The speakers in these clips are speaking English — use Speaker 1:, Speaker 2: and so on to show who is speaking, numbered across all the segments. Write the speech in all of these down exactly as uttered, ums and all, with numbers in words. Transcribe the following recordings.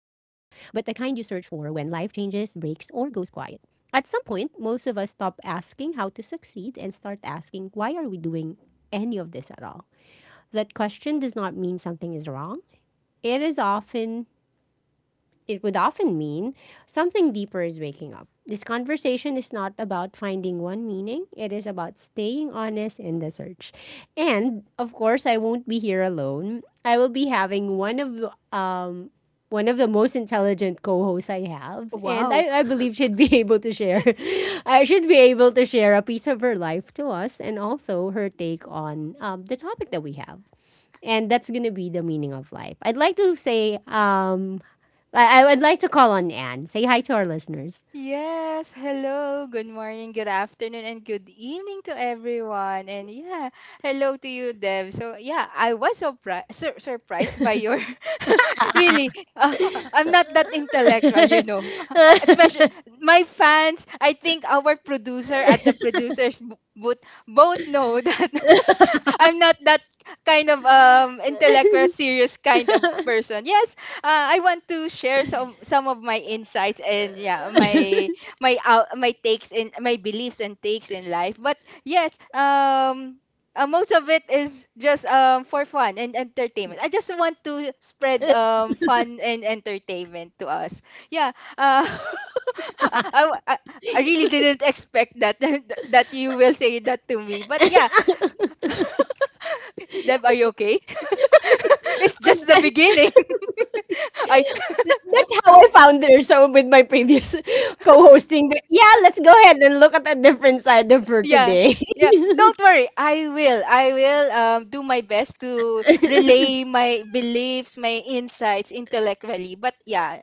Speaker 1: breaks, or goes quiet. At some point, most of us stop asking how to succeed and start asking, why are we doing any of this at all? That question does not mean something is wrong. It is often it would often mean something deeper is waking up. This conversation is not about finding one meaning, it is about staying honest in the search. And of course, I won't be here alone. I will be having one of the, um one of the most intelligent co-hosts I have, and
Speaker 2: Wow.
Speaker 1: I, I believe she'd be able to share. I should be able to share a piece of her life to us, and also her take on um, the topic that we have, and that's gonna be the meaning of life. I'd like to say, um, I, I would like to call on Anne. Say hi to our listeners.
Speaker 2: Yes. Hello. Good morning, good afternoon, and good evening to everyone. And yeah, hello to you, Dev. So yeah, I was surprised sur- surprised by your really. Uh, I'm not that intellectual, you know. Uh, Especially my fans. I think our producer at the producers bo- booth both know that I'm not that kind of um intellectual serious kind of person. Yes, uh, I want to share some some of my insights and yeah, my my out my takes in my beliefs and takes in life. But yes, um uh, most of it is just um for fun and entertainment. I just want to spread um fun and entertainment to us. Yeah. Uh, I, I, I, I really didn't expect that that you will say that to me. But yeah, Deb, are you it's just the beginning. I
Speaker 1: That's how I found her. So with my previous co-hosting. But yeah, let's go ahead and look at a different side of her
Speaker 2: yeah.
Speaker 1: today.
Speaker 2: Yeah, don't worry. I will. I will um, do my best to relay my beliefs, my insights intellectually. But yeah,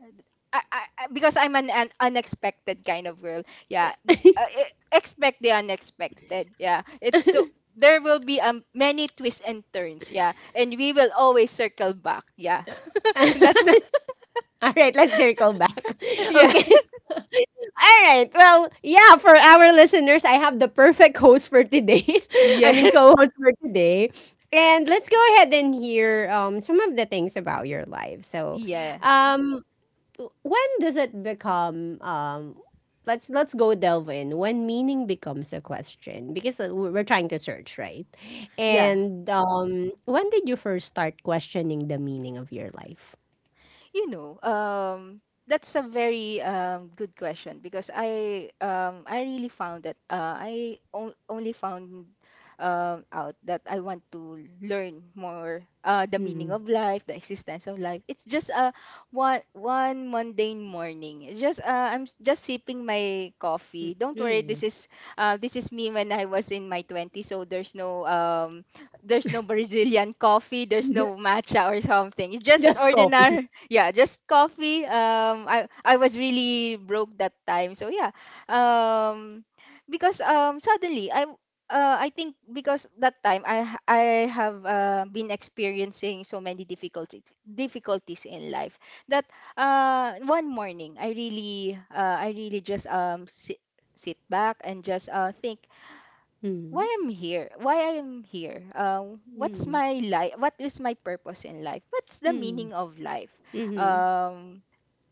Speaker 2: I, I, I- because I'm an, an unexpected kind of girl. Yeah, uh, e- expect the unexpected. Yeah, it's so there will be um, many twists and turns. Yeah, and we will always circle back. Yeah,
Speaker 1: All
Speaker 2: that's
Speaker 1: right, let's circle back.
Speaker 2: yeah,
Speaker 1: Okay. All right. Well, yeah, for our listeners, I have the perfect host for today. I
Speaker 2: yeah,
Speaker 1: mean, co host for today. And let's go ahead and hear um, some of the things about your life. So,
Speaker 2: yeah,
Speaker 1: um, w- when does it become. Um, Let's let's go delve in when meaning becomes a question, because uh, we're we're trying to search, right,
Speaker 2: yeah.
Speaker 1: and um, when did you first start questioning the meaning of your life?
Speaker 2: You know, um, that's a very um, good question because I um, I really found that uh, I on- only found um, out that I want to learn more uh, the meaning of life, the existence of life. It's just a one one mundane morning. It's just uh, I'm s- just sipping my coffee. Don't worry,
Speaker 1: Mm-hmm.
Speaker 2: this is uh, this is me when I was in my twenties, so there's no um, there's no Brazilian coffee, there's no matcha or something. It's just an
Speaker 1: Just copy.
Speaker 2: ordinary, yeah, just coffee. Um, I I was really broke that time, so yeah, um, because um suddenly I uh, I think because that time I ha- I have uh, been experiencing so many difficulties difficulties in life that uh one morning I really uh, I really just um sit, sit back and just uh think why
Speaker 1: Mm-hmm.
Speaker 2: I'm here, why I am here, um, what's my life, what is my purpose in life, what's the meaning of life,
Speaker 1: Mhm.
Speaker 2: um,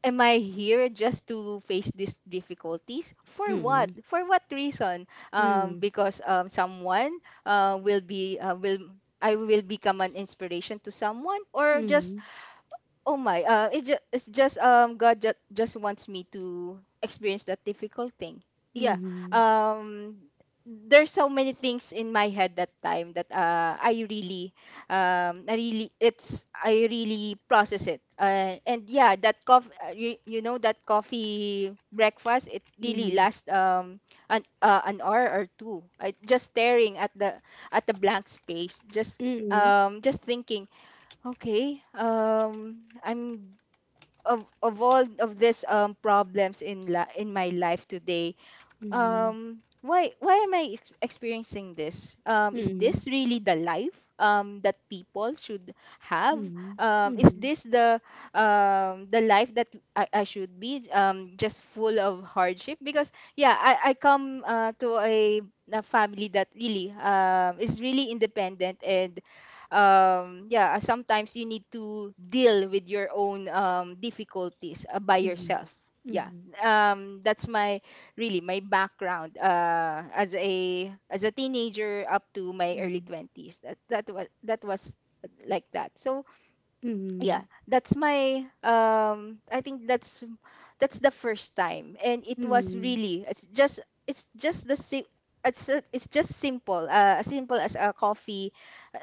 Speaker 2: am I here just to face these difficulties for what,
Speaker 1: Mhm.
Speaker 2: for what reason, um,
Speaker 1: Mhm.
Speaker 2: because um, someone uh, will be uh, will I will become an inspiration to someone or just
Speaker 1: Mhm.
Speaker 2: oh my, uh, it just it's just um God just just wants me to experience that difficult thing. Yeah. Um there's so many things in my head that time that uh I really um I really it's I really process it. Uh, and yeah, that coffee you, you know that coffee breakfast it really
Speaker 1: Mhm.
Speaker 2: lasts um an uh, an hour or two. I just staring at the at the blank space, just
Speaker 1: Mhm.
Speaker 2: um just thinking okay. Um, I'm of of all of these um problems in la- in my life today,
Speaker 1: Mhm.
Speaker 2: um why why am I ex- experiencing this? Um, is this really the life um that people should
Speaker 1: Mhm.
Speaker 2: have?
Speaker 1: Mhm.
Speaker 2: Um, is this the um the life that I, I should be um just full of hardship? Because yeah, I I come uh, to a, a family that really um is really independent and um yeah, uh, sometimes you need to deal with your own um difficulties uh, by
Speaker 1: Mhm.
Speaker 2: yourself, yeah.
Speaker 1: Mhm.
Speaker 2: um that's my really my background uh, as a as a teenager up to my early twenties. That that was that was like that, so yeah,
Speaker 1: Mhm.
Speaker 2: that's my um I think that's that's the first time and it
Speaker 1: Mhm.
Speaker 2: was
Speaker 1: Mhm.
Speaker 2: really it's just it's just the same it's, a- it's just simple, uh, as simple as a coffee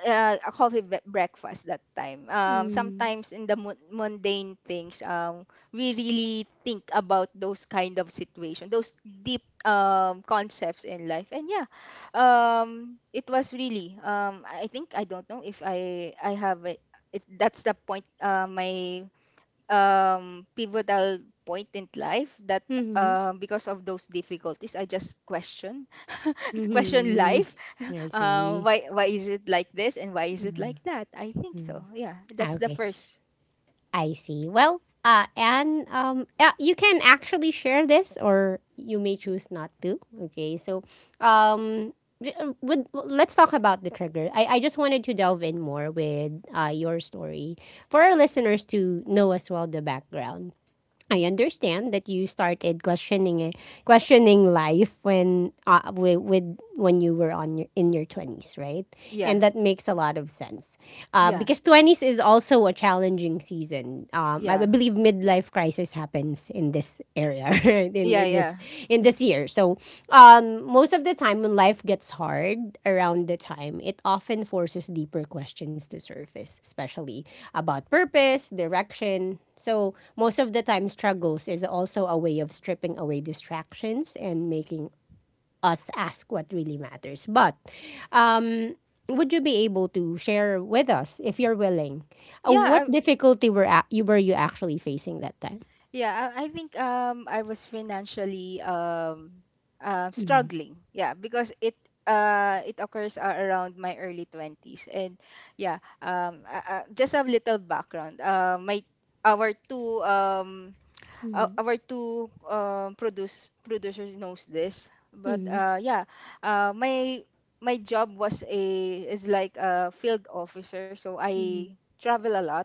Speaker 2: uh, a coffee bre- breakfast that time. um,
Speaker 1: Mhm.
Speaker 2: sometimes in the mun- mundane things, um, we really think about those kind of situation, those deep um, concepts in life. And yeah, um, it was really, um, I think I don't know if i i have it, that's the point, uh, my um, pivotal point in life that
Speaker 1: Mhm.
Speaker 2: uh, because of those difficulties I just question question
Speaker 1: Mhm.
Speaker 2: life
Speaker 1: Mhm. I
Speaker 2: uh,
Speaker 1: see.
Speaker 2: why why is it like this and why is it like that, I think.
Speaker 1: Mm-hmm.
Speaker 2: So yeah, that's the
Speaker 1: Okay.
Speaker 2: first.
Speaker 1: I see. Well, uh, and um, uh, you can actually share this, or you may choose not to. Okay, so um, th- uh, would, let's talk about the trigger. I, I just wanted to delve in more with uh, your story for our listeners to know as well the background. I understand that you started questioning it, questioning life when uh, with, with when you were on your, in your twenties, right?
Speaker 2: Yeah.
Speaker 1: And that makes a lot of sense uh,
Speaker 2: Yeah.
Speaker 1: because twenties is also a challenging season. Um, I
Speaker 2: Yeah,
Speaker 1: believe midlife crisis happens in this area, right? in
Speaker 2: yeah,
Speaker 1: in this
Speaker 2: yeah,
Speaker 1: in this year. So um, most of the time when life gets hard around the time, it often forces deeper questions to surface, especially about purpose, direction. So most of the time, struggles is also a way of stripping away distractions and making us ask what really matters. But um, would you be able to share with us, if you're willing, uh,
Speaker 2: yeah.
Speaker 1: what difficulty were a- you were you actually facing that time?
Speaker 2: Yeah, I I think um I was financially um uh,
Speaker 1: Mm-hmm.
Speaker 2: struggling. Yeah, because it uh it occurs a- around my early twenties, and yeah, um uh, uh, just a little background. Uh my our two um uh,
Speaker 1: Mm-hmm.
Speaker 2: our two um produce producers knows this, but
Speaker 1: Mm-hmm.
Speaker 2: uh yeah, uh my my job was a is like a field officer, so I travel a lot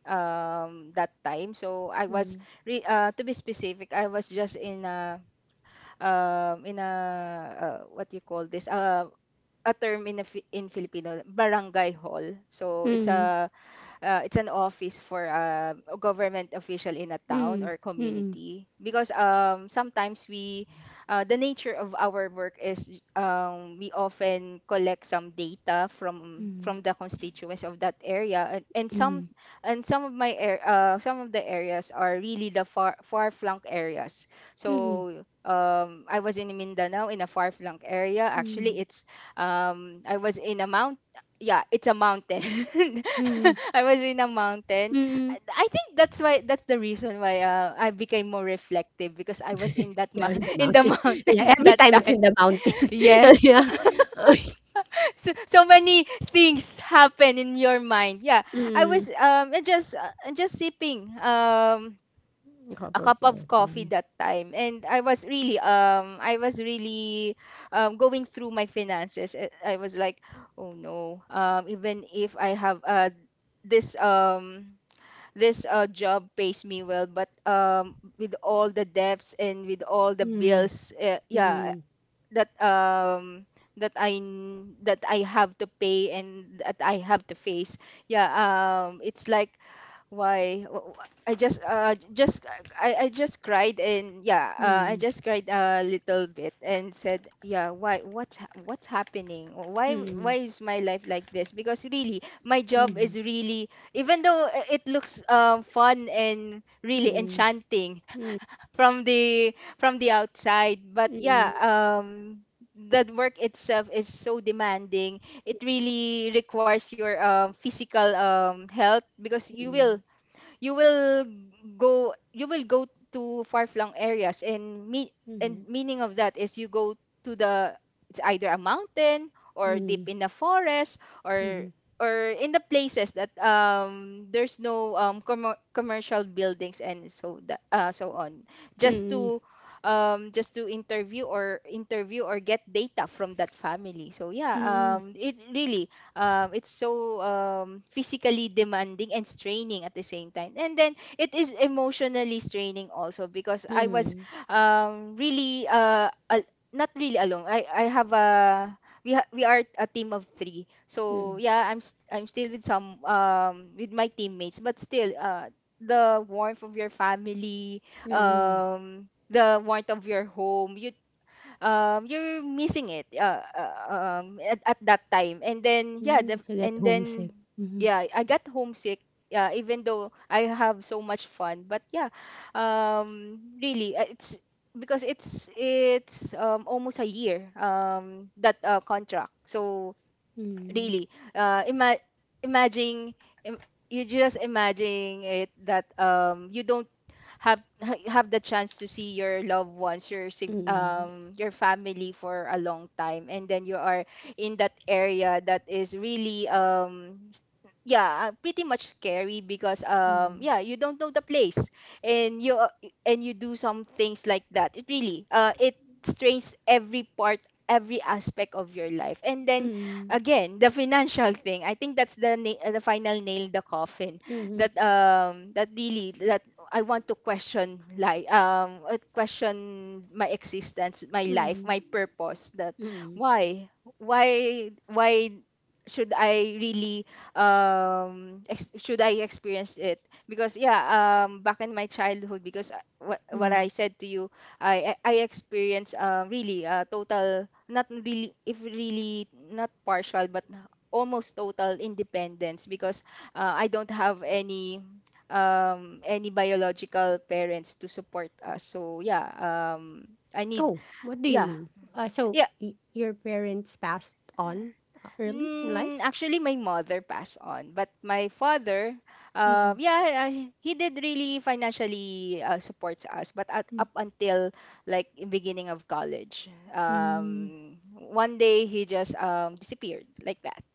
Speaker 2: um that time. So I was
Speaker 1: Hmm,
Speaker 2: re- uh to be specific, I was just in a um in a uh, what do you call this, uh a term in a, Fi- in Filipino, barangay hall. So it's
Speaker 1: mm,
Speaker 2: a uh, it's an office for uh, a government official in a town
Speaker 1: mm,
Speaker 2: or
Speaker 1: mm,
Speaker 2: community, because um, sometimes we uh, the nature of our work is, um, we often collect some data from
Speaker 1: mm,
Speaker 2: from the constituents of that area, and, and some
Speaker 1: mm,
Speaker 2: and some of my air uh, some of the areas are really the far far flung areas.
Speaker 1: mm,
Speaker 2: So um, I was in Mindanao, in a far flung area.
Speaker 1: mm,
Speaker 2: Actually it's um, I was in a mountain. Yeah, it's a mountain.
Speaker 1: mm,
Speaker 2: I was in a mountain.
Speaker 1: mm.
Speaker 2: I I think that's why, that's the reason why, uh, I became more reflective, because I was in that
Speaker 1: Yeah,
Speaker 2: ma-
Speaker 1: in the
Speaker 2: in the
Speaker 1: mountain. Yeah,
Speaker 2: mountain
Speaker 1: every
Speaker 2: that
Speaker 1: time it's
Speaker 2: time.
Speaker 1: in the mountain.
Speaker 2: Yes.
Speaker 1: Yeah.
Speaker 2: So so many things happen in your mind. Yeah. I
Speaker 1: Mm,
Speaker 2: was um and just uh, just sipping um
Speaker 1: cup
Speaker 2: a
Speaker 1: of
Speaker 2: cup of coffee
Speaker 1: coffee.
Speaker 2: that time, and I was really, um I was really, um going through my finances. i I was like, oh no, um even if I have uh this um this uh job pays me well, but um with all the debts and with all the
Speaker 1: Mm,
Speaker 2: bills, uh, yeah,
Speaker 1: mm,
Speaker 2: that um that i n- that I have to pay and that I have to face, yeah, um it's like, why, Wh- wh- i just uh j- just i i just cried, and yeah, uh, I
Speaker 1: mm,
Speaker 2: just cried a little bit and said, yeah, why, what's ha- what's happening, why
Speaker 1: mm,
Speaker 2: why is my life like this? Because really my job
Speaker 1: mm,
Speaker 2: is really, even though i- it looks, uh, fun and
Speaker 1: mm,
Speaker 2: really
Speaker 1: mm,
Speaker 2: enchanting
Speaker 1: mm,
Speaker 2: from the from the outside. But
Speaker 1: mm, mhm,
Speaker 2: yeah, um that work itself is so demanding, it really requires your um, physical um, health, because you will you will go you will go to far-flung areas and me and
Speaker 1: mhm,
Speaker 2: meaning of that is, you go to the, it's either a mountain, or deep
Speaker 1: mhm,
Speaker 2: in the forest, or or in the places that um there's no um commer commercial buildings and so that, uh, so on, just
Speaker 1: mm,
Speaker 2: to um just to interview or interview or get data from that family. So yeah,
Speaker 1: mm,
Speaker 2: um it really, um, it's so um, physically demanding and straining at the same time. And then it is emotionally straining also, because I was
Speaker 1: mhm,
Speaker 2: um, really, uh, al- not really alone, i, I have a, we, ha- we are a team of three. So
Speaker 1: mm,
Speaker 2: yeah, i'm st- I'm still with some, um, with my teammates, but still, uh, the warmth of your family,
Speaker 1: mm,
Speaker 2: um the warmth of your home, you um you're missing it, uh, uh, um at, at that time. And then yeah,
Speaker 1: mm.
Speaker 2: the,
Speaker 1: So get
Speaker 2: and
Speaker 1: homesick.
Speaker 2: then
Speaker 1: Mhm,
Speaker 2: yeah, I got homesick. Yeah, even though I have so much fun, but yeah, um really, uh, it's because it's it's um almost a year, um that uh, contract. So
Speaker 1: mm,
Speaker 2: really, uh ima- imagine im- you just imagine it that um you don't have have the chance to see your loved ones, your sig-
Speaker 1: mm,
Speaker 2: um your family for a long time. And then you are in that area that is really, um yeah, uh, pretty much scary, because um
Speaker 1: mm,
Speaker 2: yeah, you don't know the place, and you uh, and you do some things like that. It really uh it strains every part, every aspect of your life. And then
Speaker 1: mm.
Speaker 2: again, the financial thing, I think that's the na- uh, the final nail in the coffin,
Speaker 1: Mhm,
Speaker 2: that um that really that I want to question, like, um uh, question my existence, my life,
Speaker 1: mhm,
Speaker 2: my purpose. That
Speaker 1: mm,
Speaker 2: why why why should I really um ex- should I experience it? Because yeah, um back in my childhood, because I- what what
Speaker 1: mm.
Speaker 2: I said to you, I I I experienced, uh, really, uh, total, not really, if really not partial, but almost total independence. Because uh, I don't have any um any biological parents to support us. So yeah, um I need
Speaker 1: Oh, what do you
Speaker 2: yeah.
Speaker 1: mean? Uh, so
Speaker 2: Yeah,
Speaker 1: y- your parents passed on uh, early in
Speaker 2: mm,
Speaker 1: life?
Speaker 2: actually my mother passed on, but my father,
Speaker 1: Mhm,
Speaker 2: um yeah, uh, he did really financially, uh, supports us, but at,
Speaker 1: mm,
Speaker 2: up until like beginning of college,
Speaker 1: mm.
Speaker 2: um one day he just um disappeared like That,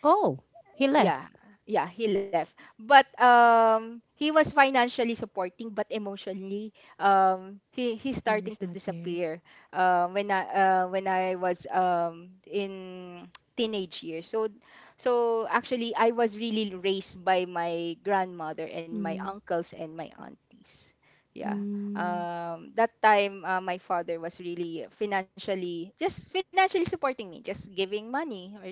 Speaker 1: Oh, he left.
Speaker 2: yeah. Yeah, he left, but um he was financially supporting but emotionally, um he he's
Speaker 1: Mm, he's
Speaker 2: starting
Speaker 1: not
Speaker 2: to
Speaker 1: there.
Speaker 2: disappear uh, when i uh, when i was um in teenage years. So so actually I was really raised by my grandmother and my
Speaker 1: Mm,
Speaker 2: uncles and my aunties. Yeah.
Speaker 1: mm,
Speaker 2: Um that time, uh, my father was really financially, just financially supporting me, just giving money or that,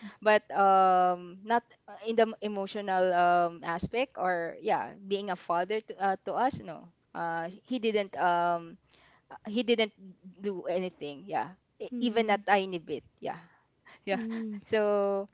Speaker 2: but um not uh, in the m- emotional um, aspect or, yeah, being a father to, uh, to us. No, uh, he didn't um uh, he didn't do anything. Yeah. E- even a
Speaker 1: mm,
Speaker 2: tiny bit. Yeah.
Speaker 1: mm,
Speaker 2: Yeah.
Speaker 1: mm.
Speaker 2: so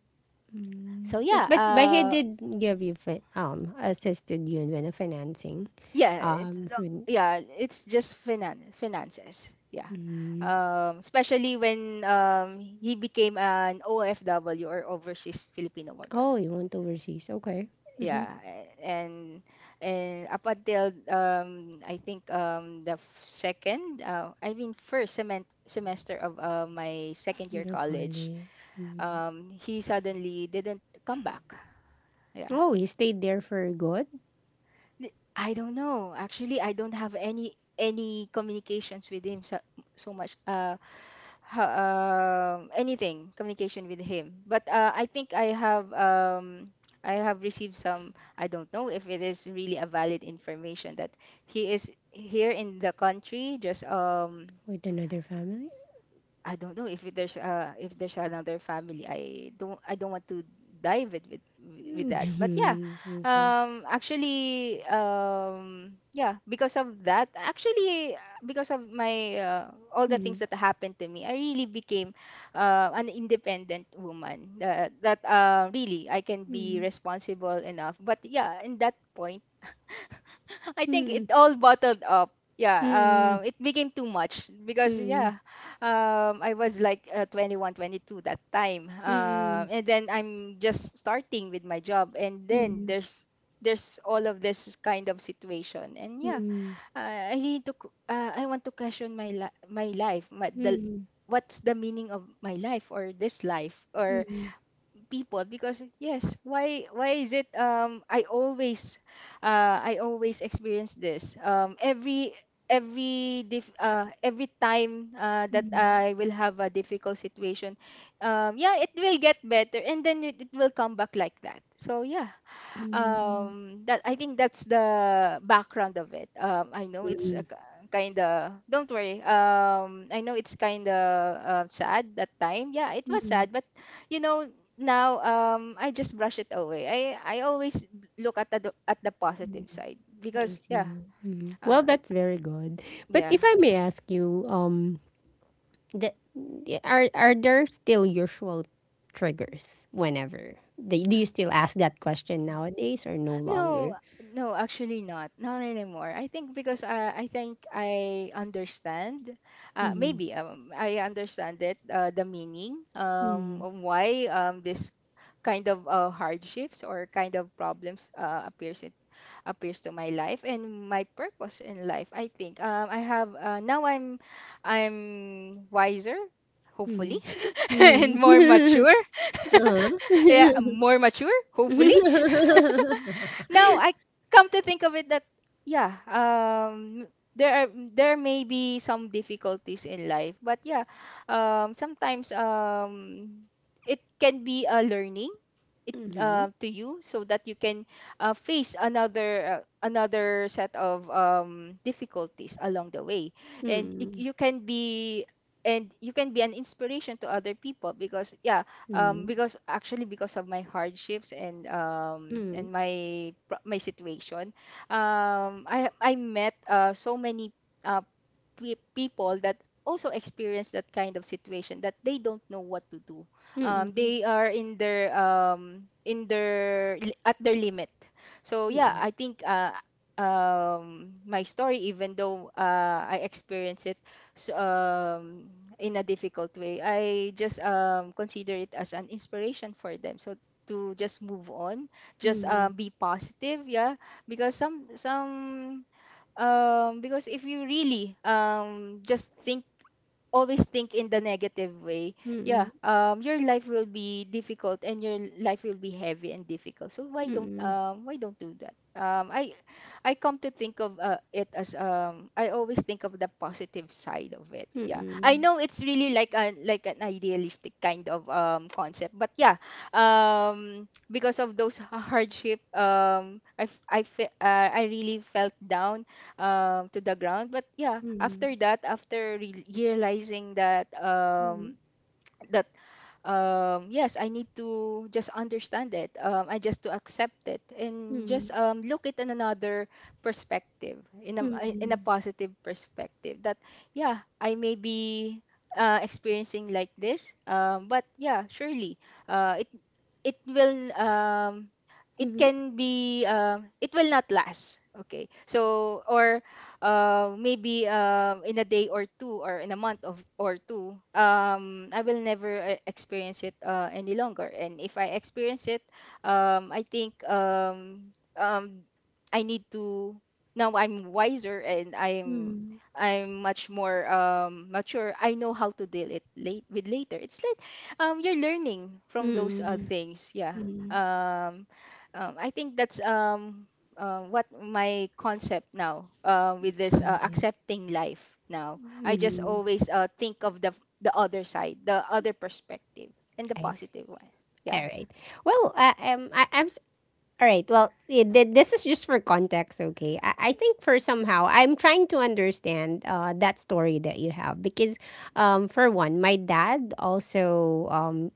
Speaker 2: so yeah
Speaker 1: But but he
Speaker 2: uh
Speaker 1: did give you fi- um assisted you in when of financing,
Speaker 2: Yeah, it's
Speaker 1: um.
Speaker 2: no-
Speaker 1: When,
Speaker 2: yeah it's just finan- finances. Yeah.
Speaker 1: mm.
Speaker 2: Um especially when um he became an O F W, or overseas Filipino worker.
Speaker 1: Oh, you went overseas. Okay. Mm-hmm.
Speaker 2: Yeah, a- and and up until um I think um the f- second, uh, i mean first semen- semester of uh, my second year
Speaker 1: Your
Speaker 2: college.
Speaker 1: college. Mm.
Speaker 2: Um he suddenly didn't come back. Yeah.
Speaker 1: Oh, you stayed there for good?
Speaker 2: Th- I don't know, actually. I don't have any any communications with him, so, so much uh ho- um anything, communication with him. But uh, I think I have um I have received some, I don't know if it is really a valid information, that he is here in the country, just um
Speaker 1: With another family?
Speaker 2: I don't know if there's uh if there's another family. I don't I don't want to dive it with with that. But yeah,
Speaker 1: Mhm, okay.
Speaker 2: um, actually, um, yeah, because of that, actually, uh, because of my uh, all the things
Speaker 1: Mhm,
Speaker 2: that happened to me, I really became uh, an independent woman. Uh, that uh, really I can be responsible enough. But yeah, in that point I think it
Speaker 1: mhm,
Speaker 2: all bottled up. Yeah,
Speaker 1: mhm,
Speaker 2: um, it became too much because,
Speaker 1: mhm,
Speaker 2: yeah, um, I was like uh, twenty-one, twenty-two that time, uh,
Speaker 1: mhm,
Speaker 2: and then I'm just starting with my job, and then
Speaker 1: mhm,
Speaker 2: there's there's all of this kind of situation, and
Speaker 1: mhm, mhm,
Speaker 2: yeah,
Speaker 1: mhm,
Speaker 2: I I need to q- uh, I want to question my li- my life, my, the,
Speaker 1: mhm,
Speaker 2: what's the meaning of my life, or this life, or people. Because, yes, why, why is it, um I always uh I always experience this? Um every every dif- uh every time, uh, that I will have a difficult situation, um yeah, it will get better, and then it, it will come back like that. So, yeah,
Speaker 1: mhm,
Speaker 2: um that, I think that's the background of it. um I know it's a
Speaker 1: mhm,
Speaker 2: kind of, don't worry, um I know it's kind of uh, sad. That time, yeah, it was
Speaker 1: mhm,
Speaker 2: sad, but you know now, um I just brush it away. I i always look at the, at the
Speaker 1: mhm.
Speaker 2: positive side,
Speaker 1: I
Speaker 2: because yeah.
Speaker 1: see. Mhm. Well,
Speaker 2: uh,
Speaker 1: that's very good. But
Speaker 2: yeah.
Speaker 1: if I may ask you, um, the, are are there still usual triggers whenever? They, do you still ask that question nowadays or no longer?
Speaker 2: No, no, actually not. Not anymore. I think because I, I think I understand. Uh,
Speaker 1: Mm,
Speaker 2: maybe um, I understand it, uh, the meaning um,
Speaker 1: mm,
Speaker 2: of why, um, this kind of uh, hardships or kind of problems uh, appears in, appears to my life, and my purpose in life. I think um, I have uh, now. I'm I'm wiser, hopefully,
Speaker 1: mm,
Speaker 2: and more
Speaker 1: mm.
Speaker 2: mature.
Speaker 1: Uh-huh.
Speaker 2: Yeah, more mature, hopefully, now I come to think of it that, yeah, um there are, there may be some difficulties in life, but yeah, um sometimes um it can be a learning, it, uh,
Speaker 1: Mhm.
Speaker 2: to you, so that you can uh, face another uh, another set of um difficulties along the way. And it,
Speaker 1: Mm.
Speaker 2: you can be, and you can be an inspiration to other people, because yeah, um
Speaker 1: Mm.
Speaker 2: because, actually, because of my hardships and um and
Speaker 1: Mm.
Speaker 2: my pro- my situation, um i i met, uh, so many, uh, pe- people that also experience that kind of situation, that they don't know what to do. Um
Speaker 1: Mm. Mm.
Speaker 2: they are in their um in their li- at their limit. So, yeah, I think uh um my story, even though uh I experienced it so, um, in a difficult way, I just um, consider it as an inspiration for them. So, to just move on, just
Speaker 1: Mm.
Speaker 2: um, be positive. Yeah. Because some, some um, because if you really um, just think, always think in the negative way,
Speaker 1: Mm.
Speaker 2: yeah, um, your life will be difficult, and your life will be heavy and difficult. So, why
Speaker 1: Mm. Mm.
Speaker 2: don't,
Speaker 1: Mm.
Speaker 2: um why don't do that? Um, I I come to think of uh, it as, um I always think of the positive side of it. Yeah, I
Speaker 1: Mm.
Speaker 2: know it's really like a, like an idealistic kind of um concept, but yeah, um because of those hardship, um I f- I fe- uh, I really felt down um to the ground. But yeah, after that, after re- realizing that, um that um yes, I need to just understand it. um I just to accept it, and
Speaker 1: Mm.
Speaker 2: just um look it in another perspective, in a, in a
Speaker 1: Mm.
Speaker 2: positive perspective, that yeah, I may be uh, experiencing like this, um but yeah, surely uh it will um it
Speaker 1: Mhm.
Speaker 2: can be, um it will not last. Okay, so, or uh, maybe um in a day or two, or in a month of or two, um I will never, uh, experience it uh, any longer. And if I experience it, um i think um um I need to, now I'm wiser, and i'm
Speaker 1: Mm.
Speaker 2: i'm much more um mature. I know how to deal it late, with later. It's like, um you're learning from those uh,
Speaker 1: Mm.
Speaker 2: things. Yeah,
Speaker 1: Mm.
Speaker 2: um, um I think that's um uh, what my concept now, uh, with this,
Speaker 1: All
Speaker 2: uh,
Speaker 1: right.
Speaker 2: accepting life now. I just
Speaker 1: Mhm.
Speaker 2: always, uh, think of the the other side, the other perspective, and the
Speaker 1: I see.
Speaker 2: positive one. Yeah.
Speaker 1: All right. Well, uh, um, I, I'm All right. Well, i- th- this is just for context, okay? I, I think for somehow, I'm trying to understand uh, that story that you have because, um, for one, my dad also um,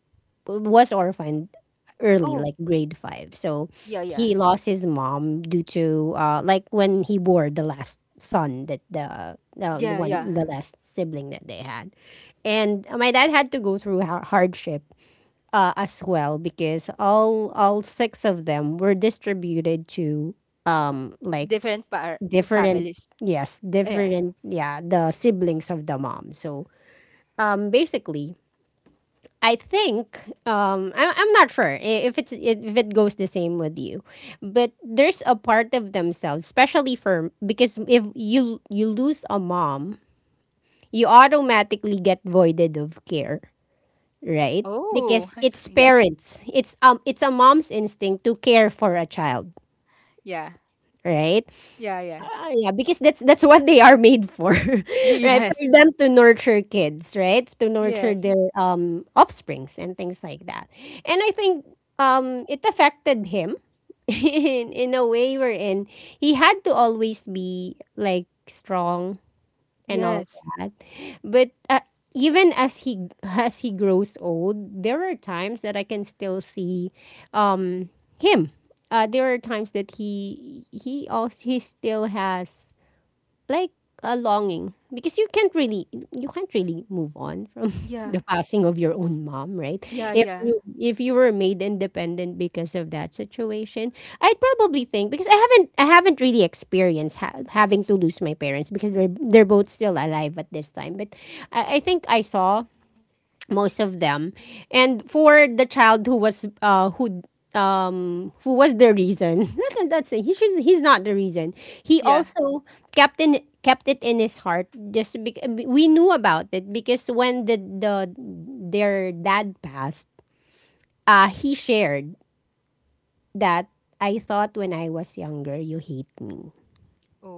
Speaker 1: was orphaned early,
Speaker 2: Oh,
Speaker 1: like grade five. So
Speaker 2: yeah.
Speaker 1: he
Speaker 2: Yeah.
Speaker 1: lost his mom due to, uh, like, when he bore the last son that the, the, the
Speaker 2: Yeah. Yeah.
Speaker 1: one, the last sibling that they had. And my dad had to go through ha- hardship uh, as well because all all six of them were distributed to um like
Speaker 2: different par-
Speaker 1: different
Speaker 2: Families.
Speaker 1: yes
Speaker 2: Yeah.
Speaker 1: different yeah the siblings of the mom, so um basically I think um I'm, I'm not sure i- if it's if it goes the same with you, but there's a part of themselves especially for because if you you lose a mom you automatically get voided of care, right?
Speaker 2: Oh.
Speaker 1: Because it's
Speaker 2: Yeah.
Speaker 1: parents. It's um it's a mom's instinct to care for a child,
Speaker 2: Yeah.
Speaker 1: right?
Speaker 2: Yeah.
Speaker 1: Uh, yeah, because that's that's what they are made for. Right? For
Speaker 2: Yes.
Speaker 1: them to nurture kids, right? To nurture their um offsprings and things like that. And I think um it affected him in in a way wherein he had to always be like strong and all
Speaker 2: Yes. Yes.
Speaker 1: that. But uh, even as he as he grows old, there are times that I can still see um, him. Uh, there are times that he he also he still has like a longing because you can't really you can't really move on from
Speaker 2: Yeah.
Speaker 1: the passing of your own mom, right?
Speaker 2: Yeah.
Speaker 1: If
Speaker 2: Yeah.
Speaker 1: you if you were made independent because of that situation, I'd probably think, because I haven't I haven't really experienced ha- having to lose my parents because they're they're both still alive at this time. But I, I think I saw most of them, and for the child who was uh who um who was the reason that's that's he should he's not the reason, he
Speaker 2: Yeah.
Speaker 1: also kept in kept it in his heart just bec- we knew about it because when the the their dad passed uh he shared that, I thought when I was younger you hate me,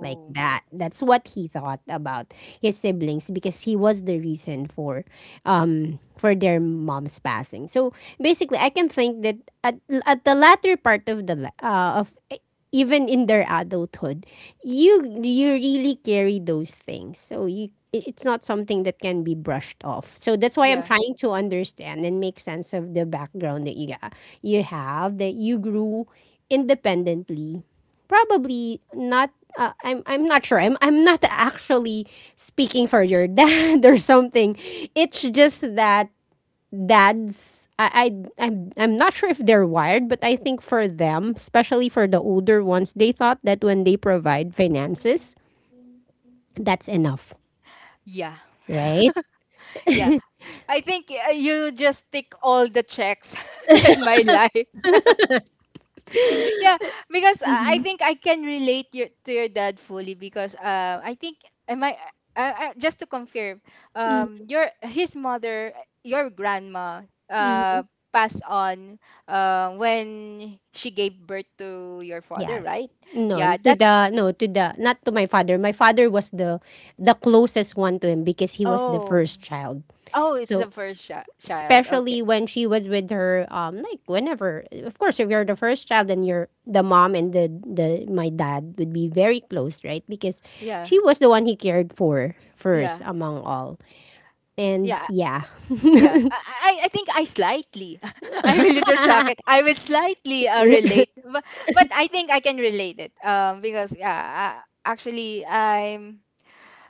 Speaker 1: like that. That's what he thought about his siblings because he was the reason for um for their mom's passing. So basically, I can think that at, at the latter part of the li- uh, of even in their adulthood, you you really carry those things. So you, it- it's not something that can be brushed off. So that's
Speaker 2: Yeah.
Speaker 1: why I'm trying to understand and make sense of the background that you got, you have that you grew independently. Probably not. Uh, I'm I'm not sure. I'm I'm not actually speaking for your dad or something. It's just that dads, I, I I'm I'm not sure if they're wired, but I think for them, especially for the older ones, they thought that when they provide finances, that's enough.
Speaker 2: Yeah.
Speaker 1: Right?
Speaker 2: Yeah, I think uh, you just tick all the checks in my life. Yeah, because I I
Speaker 1: Mm-hmm.
Speaker 2: think I can relate your, to your dad fully, because uh, I think, am I, uh, uh, just to confirm, um, your, his mother, your grandma,
Speaker 1: Mm-hmm.
Speaker 2: uh, passed on uh, when she gave birth to your father,
Speaker 1: Yes.
Speaker 2: right?
Speaker 1: No,
Speaker 2: Yeah,
Speaker 1: to
Speaker 2: that's
Speaker 1: the no to the not to my father. My father was the the closest one to him because he was the
Speaker 2: Oh.
Speaker 1: first child.
Speaker 2: Oh, it's the
Speaker 1: So
Speaker 2: first chi- child. Okay.
Speaker 1: especially when she was with her um like whenever, of course, if you're the first child, then you're the mom, and the the my dad would be very close, right? Because
Speaker 2: Yeah,
Speaker 1: she was the one he cared for first
Speaker 2: yeah,
Speaker 1: among all. And
Speaker 2: yeah.
Speaker 1: yeah.
Speaker 2: Yeah, I, I I think I slightly, I will retract it. I will slightly uh, relate, but, but I think I can relate it. Um, because yeah, uh, actually, I'm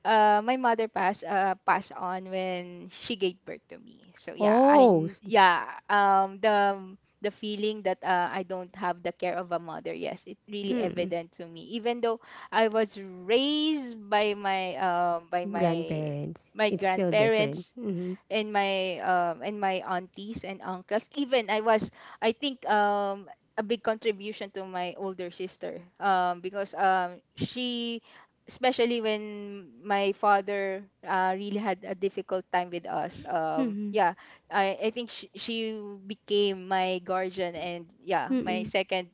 Speaker 2: uh, my mother passed, uh passed on when she gave birth to me. So yeah, I
Speaker 1: Oh
Speaker 2: n-
Speaker 1: s-,
Speaker 2: yeah, um the the feeling that, uh, I don't have the care of a mother. Yes, it really
Speaker 1: mm,
Speaker 2: evident to me. Even though I was raised by my um by my
Speaker 1: grandparents
Speaker 2: my
Speaker 1: it's still different.
Speaker 2: grandparents,
Speaker 1: Mm-hmm.
Speaker 2: and my um and my aunties and uncles, even I was, I think um a big contribution to my older sister, um because um she, especially when my father uh, really had a difficult time with us, um
Speaker 1: Mm-hmm.
Speaker 2: yeah, i i think she, she became my guardian, and yeah, my
Speaker 1: Mm-mm.
Speaker 2: second,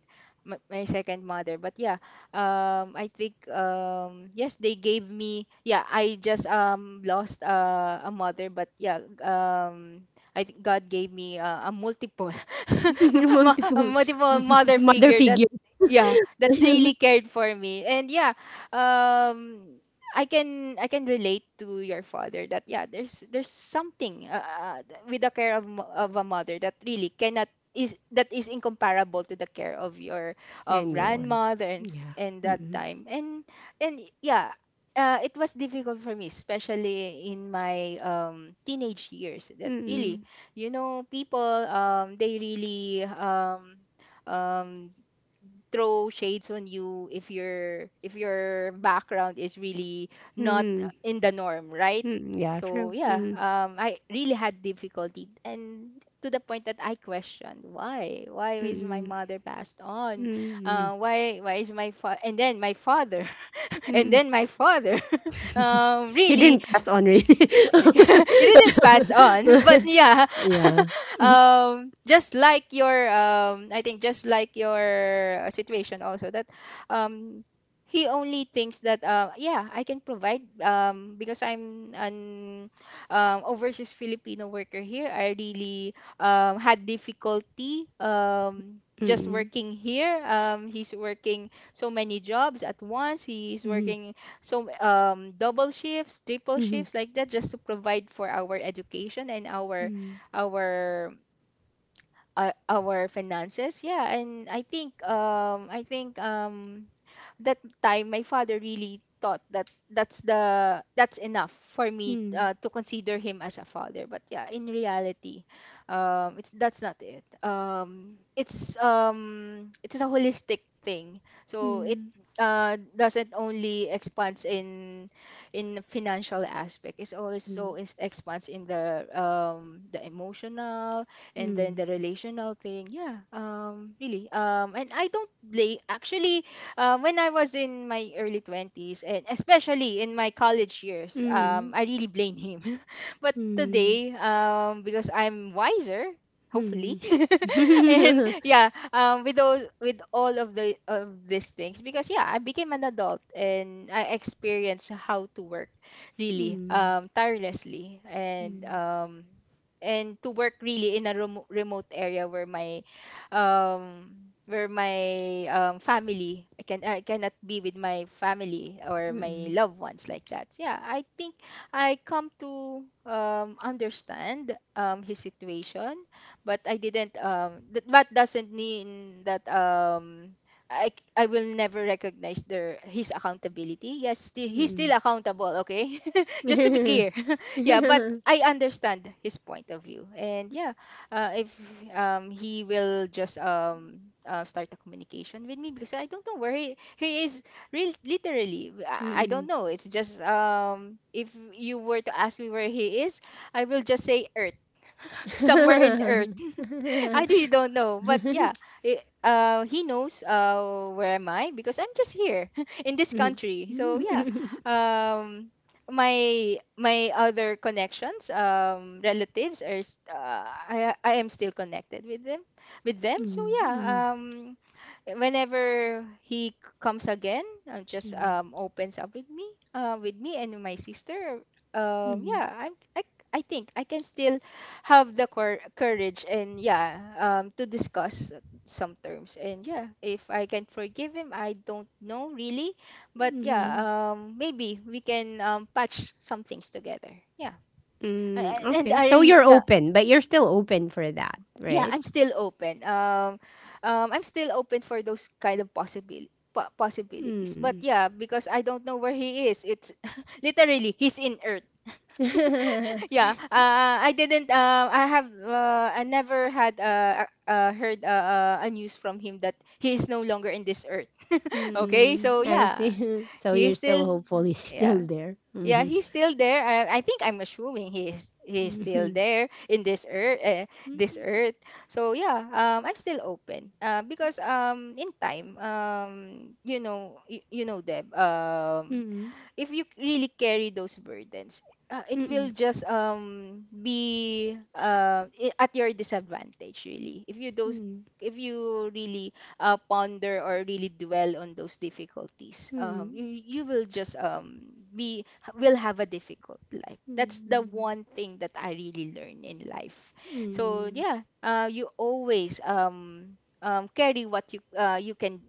Speaker 2: my, my second mother. But yeah, um I think um yes, they gave me, yeah, I just um lost, uh, a mother, but yeah, um I think God gave me, uh, a multiple, mu- a
Speaker 1: Multiple
Speaker 2: multiple mother
Speaker 1: mother
Speaker 2: figure that,
Speaker 1: figure
Speaker 2: yeah, that really cared for me. And yeah, um I can, I can relate to your father that, yeah, there's there's something uh, uh, with the care of mo- of a mother that really cannot, is that is incomparable to the care of your um,
Speaker 1: anyone.
Speaker 2: grandmother and, s-
Speaker 1: Yeah,
Speaker 2: and that
Speaker 1: mm-mm.
Speaker 2: time, and and yeah. Uh, it was difficult for me, especially in my um, teenage years that, really,
Speaker 1: Mm-mm.
Speaker 2: you know, people um, they really um, um, throw shades on you if your, if your background is really not
Speaker 1: Mm-mm.
Speaker 2: in the norm, right?
Speaker 1: Mm-mm. Yeah,
Speaker 2: So
Speaker 1: true.
Speaker 2: yeah,
Speaker 1: Mm-mm.
Speaker 2: um, I really had difficulty, and to the point that I questioned, why, why is my
Speaker 1: Mm-mm.
Speaker 2: mother passed on?
Speaker 1: Mm,
Speaker 2: Uh, why, why is my fa- and then my father, and
Speaker 1: mm.
Speaker 2: then my father, um,
Speaker 1: He
Speaker 2: really.
Speaker 1: didn't pass on really.
Speaker 2: It didn't pass on. But yeah.
Speaker 1: Yeah.
Speaker 2: Um just like your, um I think just like your uh, situation also, that um he only thinks that, uh, yeah, I can provide, um because I'm an um, overseas Filipino worker here. I really um had difficulty, um just
Speaker 1: Mm,
Speaker 2: working here. Um he's working so many jobs at once. He's
Speaker 1: mhm,
Speaker 2: working so, um, double shifts, triple
Speaker 1: mhm,
Speaker 2: shifts, like that, just to provide for our education, and our,
Speaker 1: mm,
Speaker 2: our uh, our finances. Yeah, and I think um, I think um, that time my father really thought that that's the that's enough for me
Speaker 1: mm,
Speaker 2: uh, to consider him as a father, but yeah, in reality um it's that's not it um it's um It's a holistic thing, so it
Speaker 1: mm,
Speaker 2: uh doesn't only expands in in financial aspect. It's also is expands in the um the emotional and then the relational thing, yeah. um really um And I don't blame, actually, um, when I was in my early twenties, and especially in my college years, um, I really blame him. But today, um, because I'm wiser, hopefully,
Speaker 1: mm. Mm, mm,
Speaker 2: and
Speaker 1: mm,
Speaker 2: yeah, um, with those, with all of the of these things, because yeah, I became an adult and I experienced how to work really um, tirelessly and um, and to work really in a remo remote area where my um where my um family, I can I cannot be with my family or my loved ones like that. Yeah, I think I come to um understand um his situation, but I didn't um that, that doesn't mean that um I I will never recognize their his accountability. Yes, still, he's still accountable, okay? Just to be clear. Yeah, but I understand his point of view. And yeah, uh, if um he will just um uh, start a communication with me, because I don't know where he he is. Real literally,
Speaker 1: mm.
Speaker 2: I
Speaker 1: Mm,
Speaker 2: I
Speaker 1: mm,
Speaker 2: don't know. It's just um if you were to ask me where he is, I will just say Earth. Somewhere in Earth.
Speaker 1: mm,
Speaker 2: I really
Speaker 1: mm.
Speaker 2: don't know, but yeah, it, uh, he knows uh where am I, because I'm just here in this country. So
Speaker 1: Mm.
Speaker 2: yeah,
Speaker 1: Mm.
Speaker 2: um, my my other connections, um, relatives are s- uh, I I am still connected with them, with them.
Speaker 1: Mm,
Speaker 2: So
Speaker 1: mm, mm,
Speaker 2: yeah, um, whenever he c- comes again, uh,
Speaker 1: mm,
Speaker 2: just
Speaker 1: mm,
Speaker 2: um opens up with me, uh with me and my sister. um
Speaker 1: mm.
Speaker 2: yeah i i, I think I can still have the cour courage and, yeah, um to discuss some terms. And yeah, if I can forgive him, I don't know really, but yeah,
Speaker 1: Mm.
Speaker 2: um maybe we can um patch some things together, yeah. I,
Speaker 1: Mm,
Speaker 2: I- and
Speaker 1: okay.
Speaker 2: I
Speaker 1: So you're
Speaker 2: yeah
Speaker 1: open, but you're still open for that,
Speaker 2: yeah
Speaker 1: right?
Speaker 2: I'm still open. um um I'm still open for those kind of possibility possibilities, but
Speaker 1: Mm.
Speaker 2: yeah, because I don't know where he is, it's literally he's in Earth. Yeah, uh, I didn't uh, I have uh, I never had, uh, uh uh, heard, uh, uh, a news from him that he is no longer in this Earth. Okay,
Speaker 1: Mm.
Speaker 2: so
Speaker 1: I
Speaker 2: yeah,
Speaker 1: see. So
Speaker 2: he
Speaker 1: you're still
Speaker 2: still
Speaker 1: hopefully still
Speaker 2: yeah.
Speaker 1: there.
Speaker 2: Yeah,
Speaker 1: Mm-hmm.
Speaker 2: he's still there. I, I think I'm assuming he's he's still
Speaker 1: Mm-hmm.
Speaker 2: there in this earth, uh, this earth. So yeah, um, I'm still open. Uh, because um, in time, um, you know, you, you know, Deb, um,
Speaker 1: Mm-hmm.
Speaker 2: if you really carry those burdens, uh, it
Speaker 1: Mm-hmm.
Speaker 2: will just um be uh, i- at your disadvantage, really. If you those if you really uh, ponder or really dwell on those difficulties, um
Speaker 1: Mm-hmm.
Speaker 2: you, you will just um be will have a difficult life. That's the
Speaker 1: Mm-hmm.
Speaker 2: one thing that I really learned in life. So yeah, uh you always um um carry what you uh you can,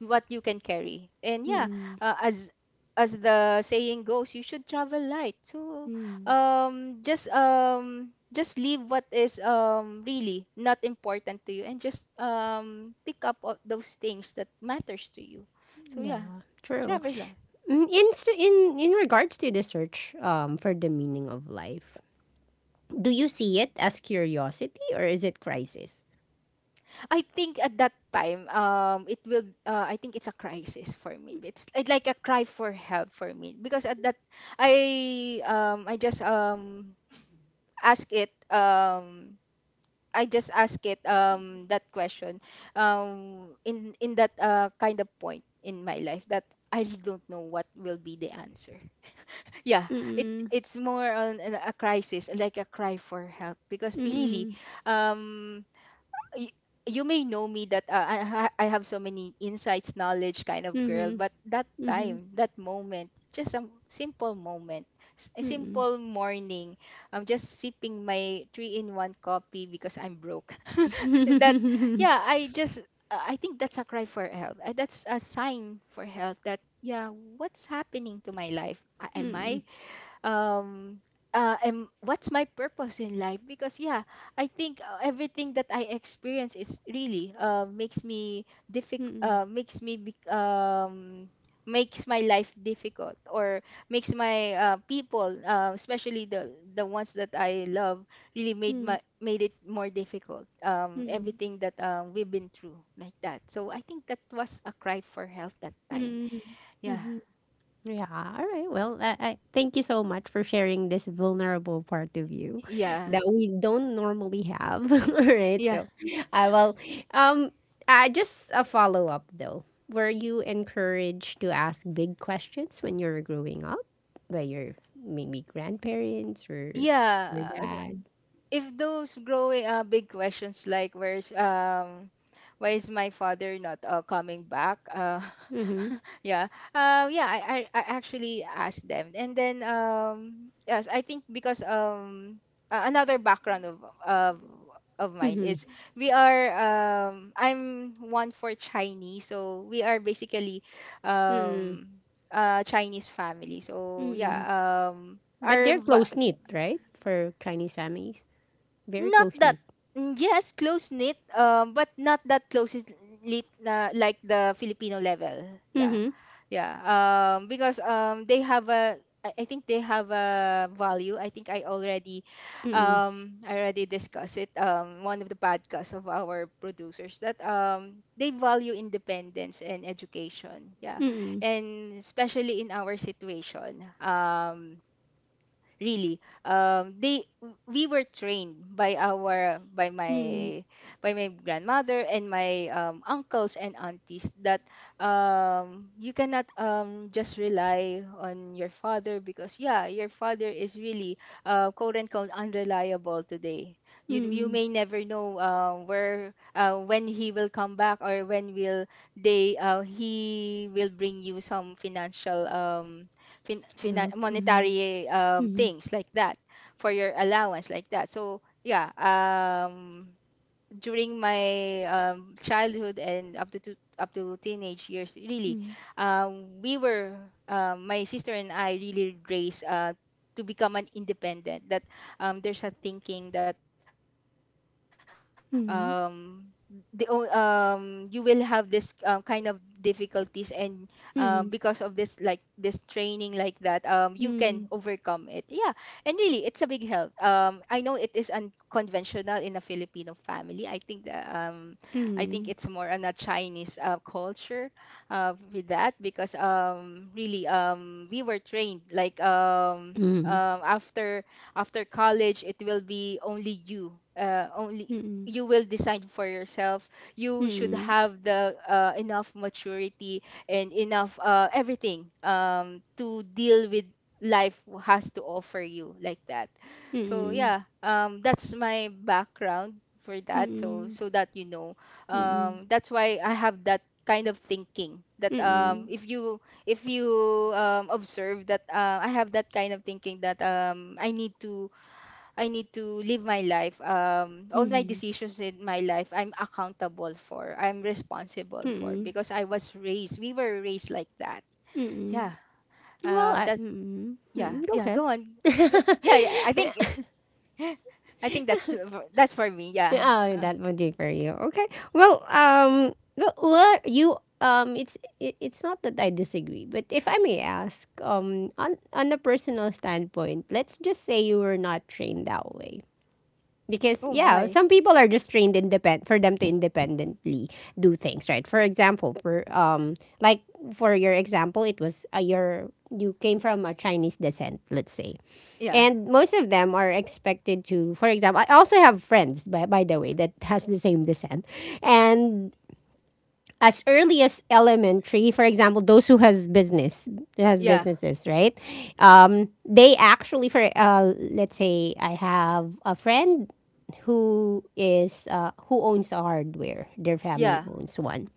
Speaker 2: what you can carry. And yeah,
Speaker 1: Mm-hmm.
Speaker 2: uh, as as the saying goes, you should travel light. So
Speaker 1: Mm.
Speaker 2: um just um just leave what is um really not important to you, and just um pick up o- those things that matters to you. So yeah,
Speaker 1: Yeah, true.
Speaker 2: travel light.
Speaker 1: Mm. In s- in in regards to the search um for the meaning of life, do you see it as curiosity or is it crisis?
Speaker 2: I think at that time um it will uh, I think it's a crisis for me. It's it's like a cry for help for me, because at that I um I just um ask it um I just ask it um that question um in in that uh, kind of point in my life, that I really don't know what will be the answer. Yeah, it
Speaker 1: Mm-mm.
Speaker 2: it's more on an- a crisis, like a cry for help, because really
Speaker 1: Mm-mm.
Speaker 2: um y- you may know me that uh, I, ha- I have so many insights, knowledge kind of girl, but that
Speaker 1: Mhm.
Speaker 2: time, that moment, just a simple moment, s- a
Speaker 1: Mm.
Speaker 2: simple morning, I'm just sipping my three in one coffee because I'm broke. That,
Speaker 1: Mm.
Speaker 2: yeah, I just, uh, I think that's a cry for help. Uh, That's a sign for help that, yeah, what's happening to my life? A- Am
Speaker 1: Mm.
Speaker 2: I um uh, am What's my purpose in life? Because yeah, I think uh, everything that I experience is really, uh, makes me difficult,
Speaker 1: Mm.
Speaker 2: uh, makes me bec- um makes my life difficult, or makes my uh, people, uh, especially the the ones that I love, really made
Speaker 1: Mm.
Speaker 2: my made it more difficult, um
Speaker 1: Mm.
Speaker 2: everything that, um, we've been through like that. So I think that was a cry for help, that time.
Speaker 1: Mm.
Speaker 2: Yeah.
Speaker 1: Mhm. Yeah. All right. Well, I, I thank you so much for sharing this vulnerable part of you
Speaker 2: Yeah.
Speaker 1: that we don't normally have. All right. So, I will. Um. I just a follow up though. Were you encouraged to ask big questions when you were growing up by your maybe grandparents or
Speaker 2: Yeah.
Speaker 1: your dad?
Speaker 2: If those growing uh, big questions, like where's um why is my father not uh, coming back, uh
Speaker 1: Mm-hmm.
Speaker 2: yeah. Uh yeah I, I i actually asked them, and then um yes, I think because um a- another background of of of mine
Speaker 1: Mm-hmm.
Speaker 2: is we are um I'm one for Chinese, so we are basically
Speaker 1: Mm-hmm.
Speaker 2: um a Chinese family. So
Speaker 1: Mm-hmm.
Speaker 2: yeah, um
Speaker 1: But
Speaker 2: our
Speaker 1: they're
Speaker 2: v-
Speaker 1: close knit, right? For Chinese families, very
Speaker 2: not
Speaker 1: close
Speaker 2: that,
Speaker 1: knit.
Speaker 2: mm, yes, close knit, um but not that close knit, uh, like the Filipino level. Yeah.
Speaker 1: Mm-hmm.
Speaker 2: Yeah. Um because um they have a, I I think they have a value. I think I already,
Speaker 1: Mm-mm.
Speaker 2: um, I already discussed it. Um, one of the podcasts of our producers that um they value independence and education. Yeah,
Speaker 1: Mm-mm.
Speaker 2: and especially in our situation, um, really um they we were trained by our by
Speaker 1: Mm-mm.
Speaker 2: my by my grandmother and my um, uncles and aunties that um you cannot um just rely on your father, because yeah, your father is really uh quote unquote unreliable today. you you
Speaker 1: Mm-mm.
Speaker 2: may never know, uh, where uh, when he will come back, or when will they uh, he will bring you some financial, um fin- finan
Speaker 1: Yup. Mm-hmm.
Speaker 2: monetary, um,
Speaker 1: Mm-hmm.
Speaker 2: things like that, for your allowance like that. So yeah, um, during my um, childhood and up to two, up to teenage years, really, um, we were uh, my sister and I really raised, uh, to become an independent. That um, there's a thinking that um, the o-
Speaker 1: Mm-hmm.
Speaker 2: um, you will have this um, kind of difficulties, and um, because of this like
Speaker 1: Mm-hmm.
Speaker 2: this
Speaker 1: Mm-hmm.
Speaker 2: training like that, um, you can overcome it, yeah. And really it's a big help. um, I know it is a conventional in a Filipino family. I think the, um, I think it's more on a Chinese uh, culture, uh, with that, because um, really um, we were trained like, um,
Speaker 1: Mm-hmm.
Speaker 2: um, after after college, it will be only you, uh, only
Speaker 1: Mm-hmm.
Speaker 2: you will decide for yourself. You should have the uh, enough maturity and enough uh, everything, um, to deal with life has to offer you, like that. So yeah, um, that's my background for that. So
Speaker 1: Mm-mm.
Speaker 2: so that you know,
Speaker 1: Mm-mm. Mm-mm.
Speaker 2: um, that's why I have that kind of thinking. That
Speaker 1: Mm-mm.
Speaker 2: um,
Speaker 1: Mm-mm.
Speaker 2: if you if you um, observe that uh, I have that kind of thinking that um, I need to I need to live my life. Um, all my
Speaker 1: Mm-mm.
Speaker 2: decisions in my life, I'm accountable for. I'm responsible
Speaker 1: Mm-mm.
Speaker 2: for,
Speaker 1: Mm-mm.
Speaker 2: because I was raised. We were raised like that.
Speaker 1: Mm-mm.
Speaker 2: Yeah.
Speaker 1: Well,
Speaker 2: Um.
Speaker 1: I,
Speaker 2: That.
Speaker 1: mm-mm.
Speaker 2: Yeah.
Speaker 1: Mm-mm. go
Speaker 2: Yeah.
Speaker 1: ahead.
Speaker 2: Go on. Yeah. Yeah. I think. I think that's uh, for- that's for me. Yeah.
Speaker 1: Yeah. Oh,
Speaker 2: Uh,
Speaker 1: that would be for you. Okay. Well, um, well, well, you um, it's it, it's not that I disagree, but if I may ask, um, on on a personal standpoint, let's just say you were not trained that way, because
Speaker 2: oh
Speaker 1: yeah,
Speaker 2: my.
Speaker 1: some people are just trained independent for them to independently do things, right? For example, for um like for your example, it was, uh, your— you came from a Chinese descent, let's say,
Speaker 2: Yeah.
Speaker 1: and most of them are expected to, for example— I also have friends, by, by the way, that has the same descent, and as early as elementary, for example, those who has business has
Speaker 2: Yeah.
Speaker 1: businesses, right? Um, they actually for— uh, let's say I have a friend who is uh, who owns a hardware, their family
Speaker 2: Yeah.
Speaker 1: owns one.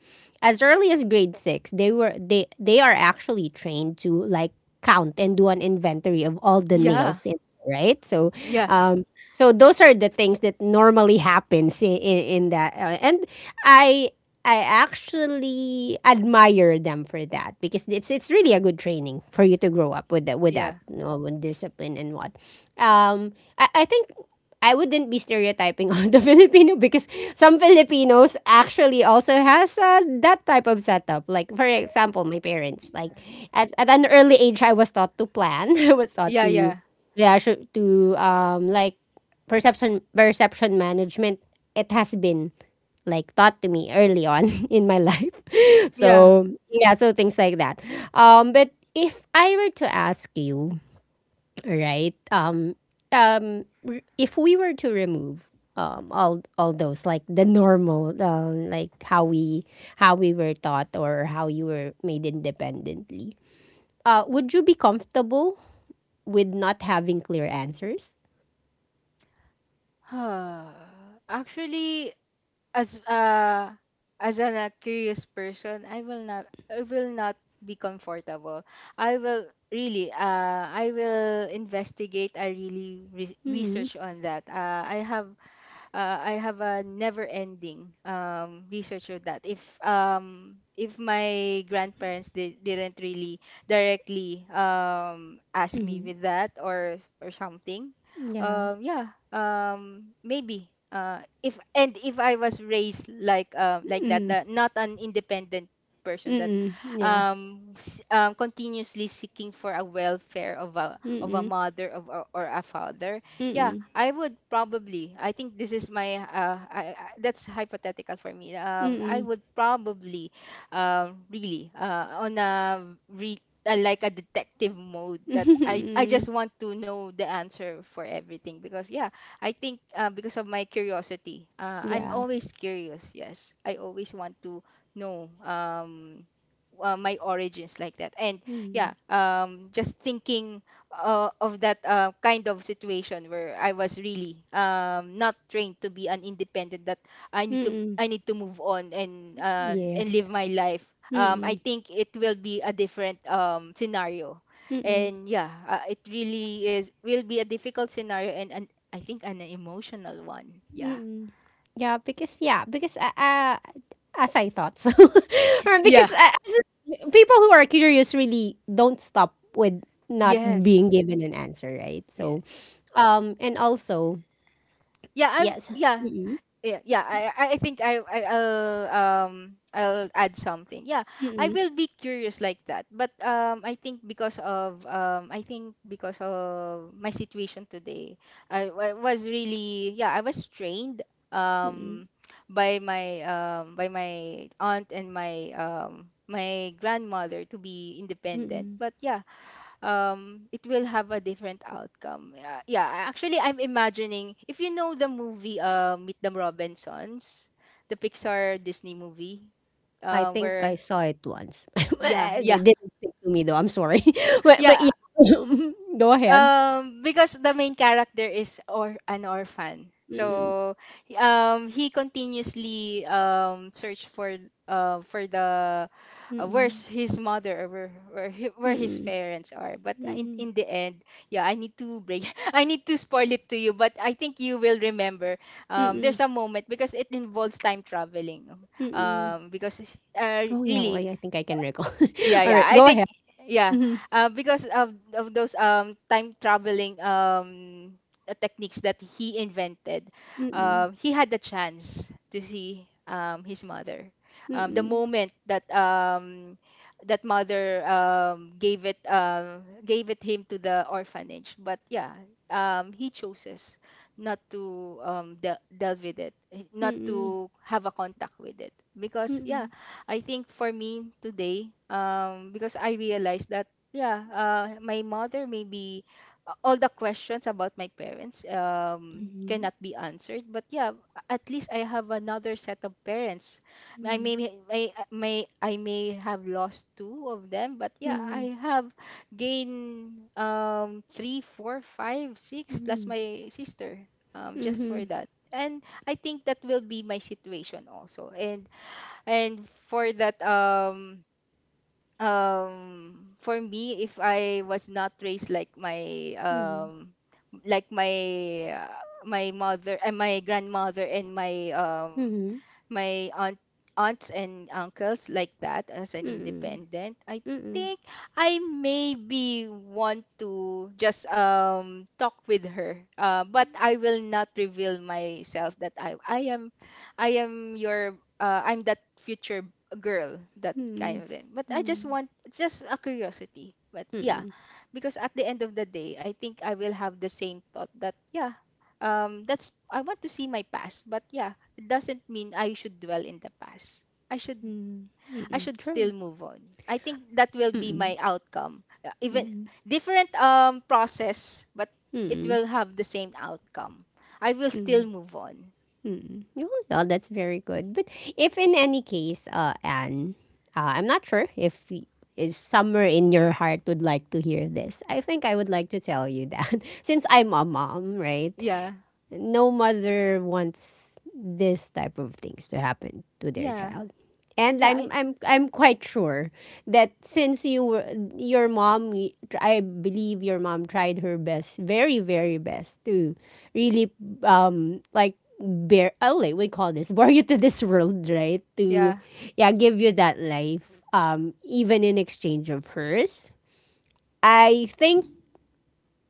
Speaker 1: As early as grade six, they were— they they are actually trained to like count and do an inventory of all the
Speaker 2: Yeah.
Speaker 1: nails in— right? So,
Speaker 2: Yeah.
Speaker 1: um, so those are the things that normally happens in, in, in that, uh, and I— I actually admire them for that, because it's it's really a good training for you to grow up with that, with that
Speaker 2: Yeah.
Speaker 1: you know, with discipline and what. Um, I, I think I wouldn't be stereotyping on the Filipino, because some Filipinos actually also has, uh, that type of setup. Like for example, my parents, like at, at an early age I was taught to plan. I was taught
Speaker 2: Yeah.
Speaker 1: to, yeah, sure, to um like perception perception management. It has been like taught to me early on in my life,
Speaker 2: Yeah.
Speaker 1: so yeah, so things like that. um but if I were to ask you, right? Um um r- if we were to remove um all all those, like the normal, um like how we— how we were taught or how you were made independently, uh, would you be comfortable with not having clear answers?
Speaker 2: Uh, actually, as uh as an a curious person, I will not I will not be comfortable. I will really uh I will investigate. I really re-
Speaker 1: Mm-hmm.
Speaker 2: research on that. Uh, I have uh, I have a never-ending um, research of that. If um, if my grandparents did, didn't really directly um, ask me
Speaker 1: Mm-hmm.
Speaker 2: with that, or or something,
Speaker 1: Yeah.
Speaker 2: um, yeah, um, maybe. Uh, if and if I was raised like um like that,
Speaker 1: Mm.
Speaker 2: uh, not an independent person, that
Speaker 1: Mm. Yeah.
Speaker 2: um, s- um continuously seeking for a welfare of a of a
Speaker 1: Mm.
Speaker 2: mother of a, or a father, yeah,
Speaker 1: Mm.
Speaker 2: I would probably. I think this is my. Uh, I, I, that's hypothetical for me. Um, I
Speaker 1: Mm.
Speaker 2: would probably, um, really, uh, on a re, uh, like a detective mode, that I I just
Speaker 1: Mm.
Speaker 2: want to know the answer for everything, because yeah, I think uh, because of my curiosity, uh, I'm
Speaker 1: Yeah.
Speaker 2: always curious. Yes, I always want to know. Um, uh, my origins like that. And
Speaker 1: Mm.
Speaker 2: yeah, um just thinking uh, of that uh, kind of situation where I was really um, not trained to be an independent, that I need to
Speaker 1: Mm.
Speaker 2: I need to move on, and uh, and live
Speaker 1: Yes.
Speaker 2: my life. Um, I
Speaker 1: Mm.
Speaker 2: think it will be a different um, scenario,
Speaker 1: Mm.
Speaker 2: and yeah, uh, it really is will be a difficult scenario, and an, I think an emotional one. Yeah.
Speaker 1: Mm. Yeah, because yeah, because uh, uh as I thought so, or
Speaker 2: Yeah.
Speaker 1: because, uh, as people who are curious really don't stop with not
Speaker 2: Yes.
Speaker 1: being given an answer, right?
Speaker 2: Yeah.
Speaker 1: So, um, and also
Speaker 2: Yeah. I
Speaker 1: yes.
Speaker 2: yeah.
Speaker 1: Mm.
Speaker 2: yeah yeah i i I think i, I i'll um i'll add something, yeah. I
Speaker 1: Mm.
Speaker 2: will be curious like that, but um i think because of um I think because of my situation today. I, I was really— yeah, I was trained,
Speaker 1: Mm.
Speaker 2: um by my um by my aunt, and my um my grandmother, to be independent.
Speaker 1: Mm.
Speaker 2: But yeah, um it will have a different outcome. Yeah, yeah, actually I'm imagining, if you know the movie, uh Meet the Robinsons, the Pixar Disney movie,
Speaker 1: I
Speaker 2: uh
Speaker 1: think I
Speaker 2: where—
Speaker 1: saw it once.
Speaker 2: yeah, yeah,
Speaker 1: It didn't stick to me though, I'm sorry. But but
Speaker 2: yeah.
Speaker 1: yeah. Go ahead.
Speaker 2: Um because the main character is, or an orphan,
Speaker 1: Mm.
Speaker 2: so um he continuously um search for— uh for the— uh,
Speaker 1: Mm.
Speaker 2: where's his mother, or where where, hi- where his
Speaker 1: Mm.
Speaker 2: parents are. But in,
Speaker 1: Mm.
Speaker 2: in the end, yeah, I need to break— I need to spoil it to you, but I think you will remember. Um
Speaker 1: Mm.
Speaker 2: there's a moment, because it involves time traveling.
Speaker 1: Mm.
Speaker 2: Um because uh
Speaker 1: Oh, yeah, well,
Speaker 2: really
Speaker 1: I think I can recall.
Speaker 2: Yeah, yeah,
Speaker 1: Alright,
Speaker 2: I
Speaker 1: go
Speaker 2: think,
Speaker 1: ahead.
Speaker 2: yeah,
Speaker 1: Mhm.
Speaker 2: uh, because of of those um time traveling, um uh, techniques that he invented,
Speaker 1: Mm. Mm.
Speaker 2: um, he had a chance to see um his mother. Um, the
Speaker 1: Mm.
Speaker 2: moment that— um that mother um gave it um gave it him to the orphanage. But yeah, um he chooses not to um de- delve with it, eh, not
Speaker 1: Mm.
Speaker 2: to have a contact with it,
Speaker 1: Mhm.
Speaker 2: because, yeah,
Speaker 1: Mm.
Speaker 2: I think for me today, um, because I realized that, yeah, uh, my mother maybe— uh, all the questions about my parents um
Speaker 1: Mhm.
Speaker 2: cannot be answered. But yeah, a- at least I have another set of parents. I may may may I may have lost two of them, but
Speaker 1: Mhm.
Speaker 2: yeah,
Speaker 1: Mhm.
Speaker 2: I have gained um three, four, five, six, plus my sister, um just for
Speaker 1: Mhm.
Speaker 2: that. And I think that will be my situation also. And and for that, um um for me, if I was not raised like my—
Speaker 1: Mhm. Mm.
Speaker 2: um like my— uh, my mother and my grandmother and my um my aunt aunts and uncles, like that, as an
Speaker 1: Mm.
Speaker 2: independent, I
Speaker 1: Mm.
Speaker 2: think I maybe want to just um talk with her, uh, but I will not reveal myself that i i am i am your— uh, I'm that future girl, that kind of thing. But I just want— just a curiosity, but yeah,
Speaker 1: Mm.
Speaker 2: because at the end of the day, I think I will have the same thought that, yeah, um that's— I want to see my past, but yeah, doesn't mean I should dwell in the past. I should
Speaker 1: Mm. Mm.
Speaker 2: I
Speaker 1: Mm,
Speaker 2: should still
Speaker 1: true.
Speaker 2: move on. I think that will be
Speaker 1: Mm.
Speaker 2: my outcome. Uh, Even
Speaker 1: Mm.
Speaker 2: different um process, but it
Speaker 1: Mm.
Speaker 2: will have the same outcome. I will still
Speaker 1: Mm.
Speaker 2: move on.
Speaker 1: Mm. Oh, well, that's very good. But if in any case, uh, Anne, uh, I'm not sure if, y-— if somewhere in your heart would like to hear this. I think I would like to tell you that since I'm a mom, right?
Speaker 2: Yeah.
Speaker 1: No mother wants this type of things to happen to their
Speaker 2: Yeah.
Speaker 1: child. And
Speaker 2: Yeah.
Speaker 1: I'm
Speaker 2: I,
Speaker 1: I'm I'm quite sure that since you were your mom— I believe your mom tried her best, very very best, to really um like bear— oh, like we call this bore you to this world, right? To
Speaker 2: yeah.
Speaker 1: yeah, give you that life, um, even in exchange of hers. I think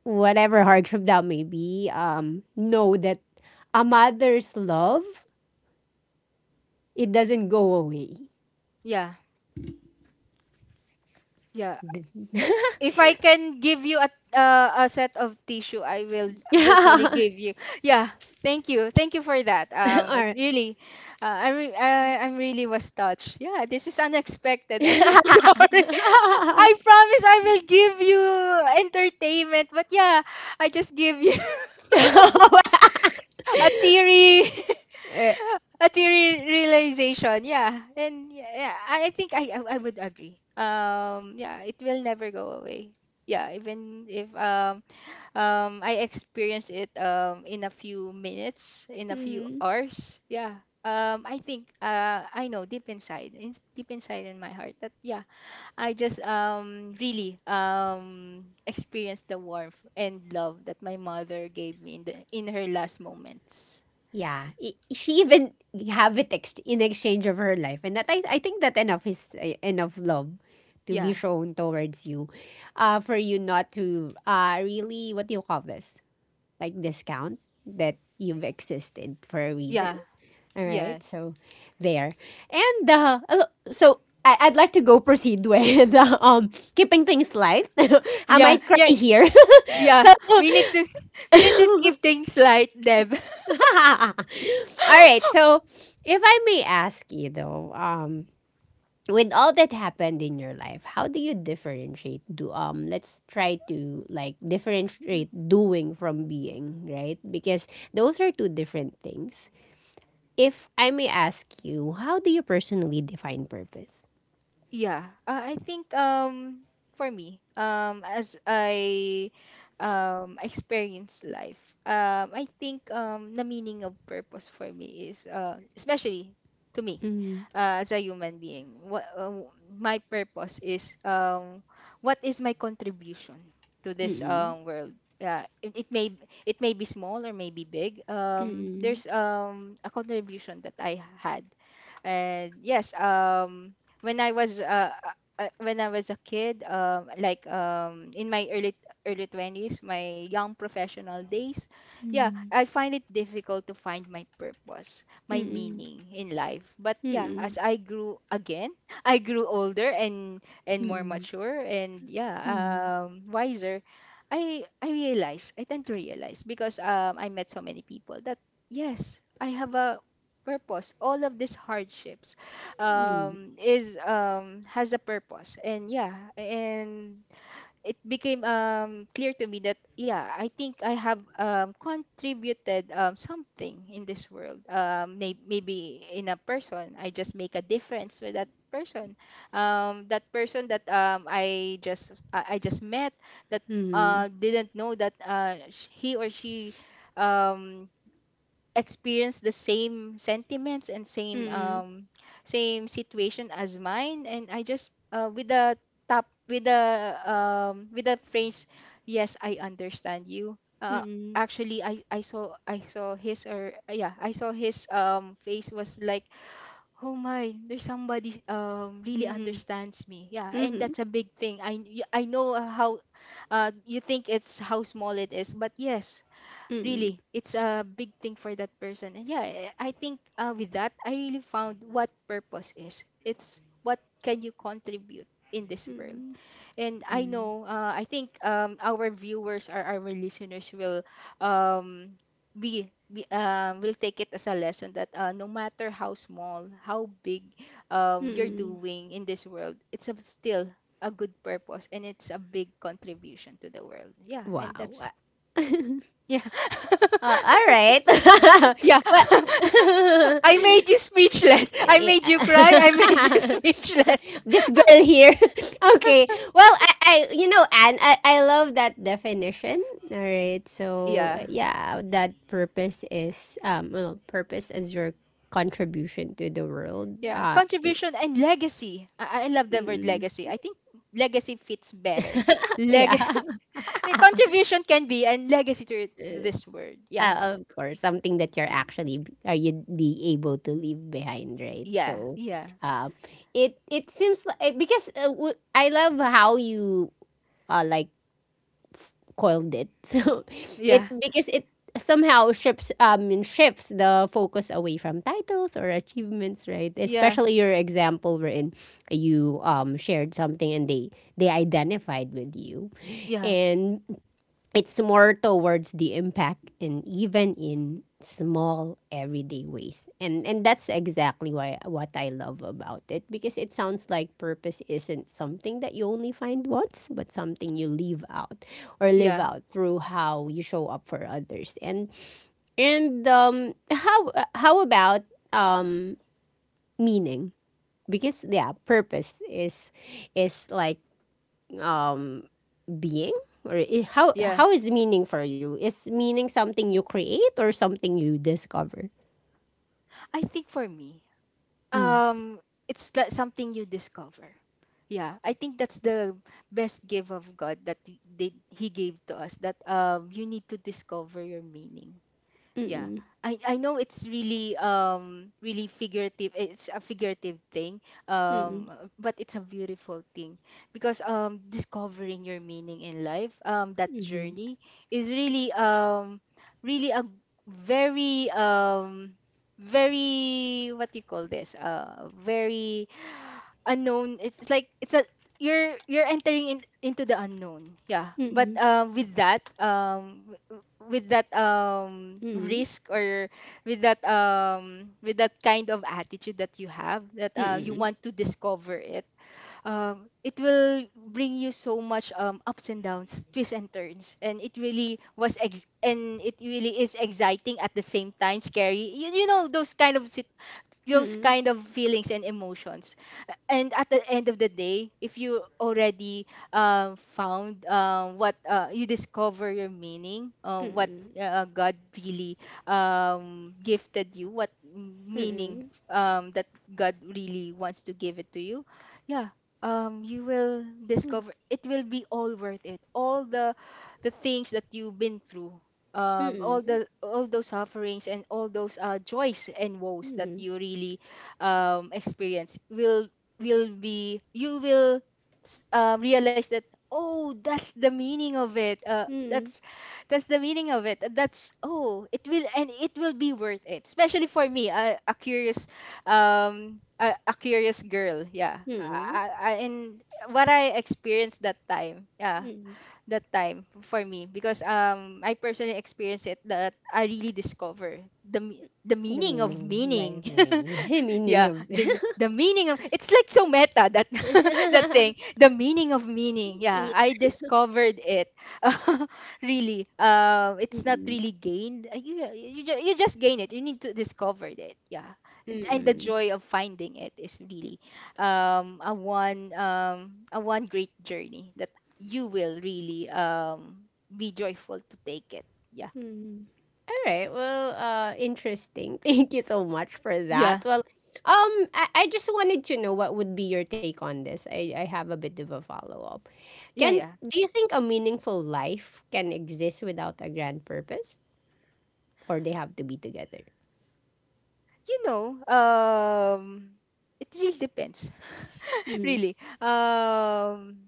Speaker 1: whatever hardship that may be, um, know that a mother's love, it doesn't go away.
Speaker 2: Yeah. Yeah. If I can give you a uh, a set of tissue, I will virtually give you. Yeah, thank you, thank you for that. Um, it
Speaker 1: Or—
Speaker 2: really, uh, I re- I I'm really was touched. Yeah, this is unexpected. I'm so sorry. I promise I will give you entertainment, but yeah, I just give you
Speaker 1: eh,
Speaker 2: a theory. A theory realization, yeah, and yeah, yeah, I I think I I I would agree. Um, yeah, it will never go away. Yeah, even if um um I experienced it um in a few minutes, in a few
Speaker 1: mm,
Speaker 2: hours. Yeah. Um I think uh I know deep inside, in, deep inside in my heart, that, yeah, I just um really um experienced the warmth and love that my mother gave me in the in her last moments.
Speaker 1: yeah, I— she even have it ex-— in exchange of her life, and that I, I think that enough is— eh, enough love to be
Speaker 2: Yeah.
Speaker 1: shown towards you, uh, for you not to, uh, really— what do you call this— like discount that you've existed for a reason.
Speaker 2: Yeah.
Speaker 1: All right,
Speaker 2: Yes.
Speaker 1: so there. And uh, al-— so I, I'd like to go proceed with uh, um, keeping things light. I
Speaker 2: Yeah.
Speaker 1: might cry
Speaker 2: Yeah.
Speaker 1: here.
Speaker 2: Yeah.
Speaker 1: So.
Speaker 2: We need to we need to keep things light, Deb.
Speaker 1: All right, so if I may ask you though, um with all that happened in your life, how do you differentiate do— um let's try to like differentiate doing from being, right? Because those are two different things. If I may ask you, how do you personally define purpose?
Speaker 2: Yeah, uh, I think, um for me, um as I um experience life, um I think um the meaning of purpose for me is, uh especially to me,
Speaker 1: 嗯
Speaker 2: uh, as a human being, what— uh, my purpose is— um what is my contribution to this
Speaker 1: 嗯
Speaker 2: um world. Yeah, it, it may it may be small or may be big.
Speaker 1: 嗯
Speaker 2: Um,
Speaker 1: 嗯
Speaker 2: there's um a contribution that I had, and yes, um when I was uh, uh, uh, when I was a kid, um, like um, in my early early twenties, my young professional days. Yeah,
Speaker 1: 嗯
Speaker 2: I find it difficult to find my purpose, my
Speaker 1: 嗯嗯
Speaker 2: meaning in life. But
Speaker 1: 嗯
Speaker 2: yeah,
Speaker 1: 嗯
Speaker 2: as I grew again, I grew older, and and more
Speaker 1: 嗯
Speaker 2: mature, and yeah,
Speaker 1: 嗯嗯
Speaker 2: um, wiser. I I realize I tend to realize, because um, I met so many people, that yes, I have a purpose. All of these hardships
Speaker 1: 嗯
Speaker 2: um is um has a purpose. And yeah, and it became um clear to me that, yeah, I think I have um contributed um something in this world. Um may- maybe in a person, I just make a difference with that person, um that person that— um i just i, I just met, that
Speaker 1: 嗯
Speaker 2: uh didn't know that— uh sh- he or she um experience the same sentiments and same
Speaker 1: 嗯
Speaker 2: um same situation as mine. And I just— uh, with the— top with the um with the phrase, "Yes, I understand you." Uh
Speaker 1: 嗯
Speaker 2: actually, i i saw I saw his— or, yeah, I saw his um face was like, "Oh my, there's somebody um really
Speaker 1: 嗯
Speaker 2: understands me." Yeah, and
Speaker 1: 嗯
Speaker 2: that's a big thing. i I know how— uh you think it's how small it is, but yes, really, it's a big thing for that person. And yeah, i I think, uh, with that, I really found what purpose is. It's what can you contribute in this world.
Speaker 1: 嗯
Speaker 2: And I
Speaker 1: 嗯
Speaker 2: know, uh, I think, um, our viewers or our listeners will um, be, be, um, will take it as a lesson that, uh, no matter how small, how big, um, you're
Speaker 1: 嗯，
Speaker 2: doing in this world, it's a— still a good purpose, and it's a big contribution to the world. Yeah,
Speaker 1: 哇
Speaker 2: and that's—
Speaker 1: 哇！
Speaker 2: yeah.
Speaker 1: Uh, all right.
Speaker 2: Yeah.
Speaker 1: Well,
Speaker 2: I made you speechless. I made you cry.
Speaker 1: yeah.
Speaker 2: I made you speechless.
Speaker 1: This girl here. Okay. Well, I— I, you know, Anne, I, I love that definition. All right. So
Speaker 2: Yeah.
Speaker 1: uh, yeah, that purpose is, um, well, purpose is your contribution to the world.
Speaker 2: Yeah.
Speaker 1: Uh, y-—
Speaker 2: Contribution and legacy. I, I love the word
Speaker 1: mm.
Speaker 2: legacy. I think legacy fits better. Leg
Speaker 1: Yeah.
Speaker 2: a contribution can be, and legacy to, to this word. Yeah.
Speaker 1: Ah, of course, something that you're actually b-— are you be able to leave behind, right?
Speaker 2: Yeah.
Speaker 1: So,
Speaker 2: Yeah.
Speaker 1: um, it it seems like, because uh, w-— I love how you uh, like, coiled it. So,
Speaker 2: Yeah.
Speaker 1: it— because it somehow shifts um and shifts the focus away from titles or achievements, right? Especially your example wherein you, um, shared something and they they identified with you,
Speaker 2: Yeah.
Speaker 1: and it's more towards the impact and even in small everyday ways. and and that's exactly why— what I love about it, because it sounds like purpose isn't something that you only find once, but something you live out, or live
Speaker 2: Yeah.
Speaker 1: out through how you show up for others. and and um, how— uh, how about um meaning, because yeah, purpose is— is like, um, being, or i-— how—
Speaker 2: Yeah.
Speaker 1: how is meaning for you? Is meaning something you create or something you discover?
Speaker 2: I think for me,
Speaker 1: Mm.
Speaker 2: um it's that something you discover. Yeah, I think that's the best gift of God, that y- they, he gave to us, that um you need to discover your meaning. Yeah,
Speaker 1: Mm-mm.
Speaker 2: i i know it's really um really figurative. It's a figurative thing,
Speaker 1: Mm-mm.
Speaker 2: um but it's a beautiful thing, because um discovering your meaning in life, um that
Speaker 1: Mhm.
Speaker 2: journey is really um really a very um very— what do you call this— uh very unknown. It's it's like it's a— you're you're entering in, into the unknown. Yeah, but
Speaker 1: Mm-mm.
Speaker 2: um with that— um w- with that um risk, or with that— um with that kind of attitude that you have, that, uh, you
Speaker 1: Mm-mm.
Speaker 2: want to discover it. Um it will bring you so much— um ups and downs, twists and turns. And it really was ex- and it really is exciting, at the same time scary. You, you know, those kind of— sit- those
Speaker 1: Mm-mm.
Speaker 2: kind of feelings and emotions. And at the end of the day, if you already um, found— um, what— uh, you discover your meaning, uh, what— uh, God really um, gifted you, what meaning,
Speaker 1: Mm-mm.
Speaker 2: um, that God really wants to give it to you. Yeah, um, you will discover It will be all worth it, all the the things that you've been through, um, all
Speaker 1: Mm-mm.
Speaker 2: the— all those sufferings, and all those, uh, joys and woes
Speaker 1: Mm-mm.
Speaker 2: that
Speaker 1: Mhm.
Speaker 2: you really um, experience, will— will be you will— s- uh, realize that, "Oh, that's the meaning of it." uh,
Speaker 1: Mm-mm.
Speaker 2: that's that's the meaning of it. That's— oh, it will— and it will be worth it, especially for me, a, a curious— um a, a curious girl. Yeah, uh,
Speaker 1: Mm-mm.
Speaker 2: I, I, and what I experienced that time. Yeah,
Speaker 1: Mm-mm.
Speaker 2: that time for me, because um I personally experienced it, that I really discover the me- the
Speaker 1: The
Speaker 2: meaning of
Speaker 1: meaning,
Speaker 2: meaning.
Speaker 1: like meaning meaning
Speaker 2: Yeah,
Speaker 1: of
Speaker 2: the, the meaning of— it's like so meta that that thing, the meaning of meaning. Yeah, I
Speaker 1: Mm-mm.
Speaker 2: discovered it. Really, um, it's not really gained. Uh, You you just, you just gain it. You need to discover it. Yeah, and, and the
Speaker 1: Mm-mm.
Speaker 2: joy of finding it is really um a one um a one great journey that you will really um be joyful to take it. Yeah,
Speaker 1: Hmm. All right. Well, uh, interesting. Thank you so much for
Speaker 2: yeah,
Speaker 1: that. Well, um, I— I just wanted to know what would be your take on this. I, I have a bit of a follow up.
Speaker 2: yeah,
Speaker 1: Can—
Speaker 2: yeah.
Speaker 1: do you think a meaningful life can exist without a grand purpose, or they have to be together?
Speaker 2: You know, um, it really depends.
Speaker 1: Mm-hmm.
Speaker 2: Really, um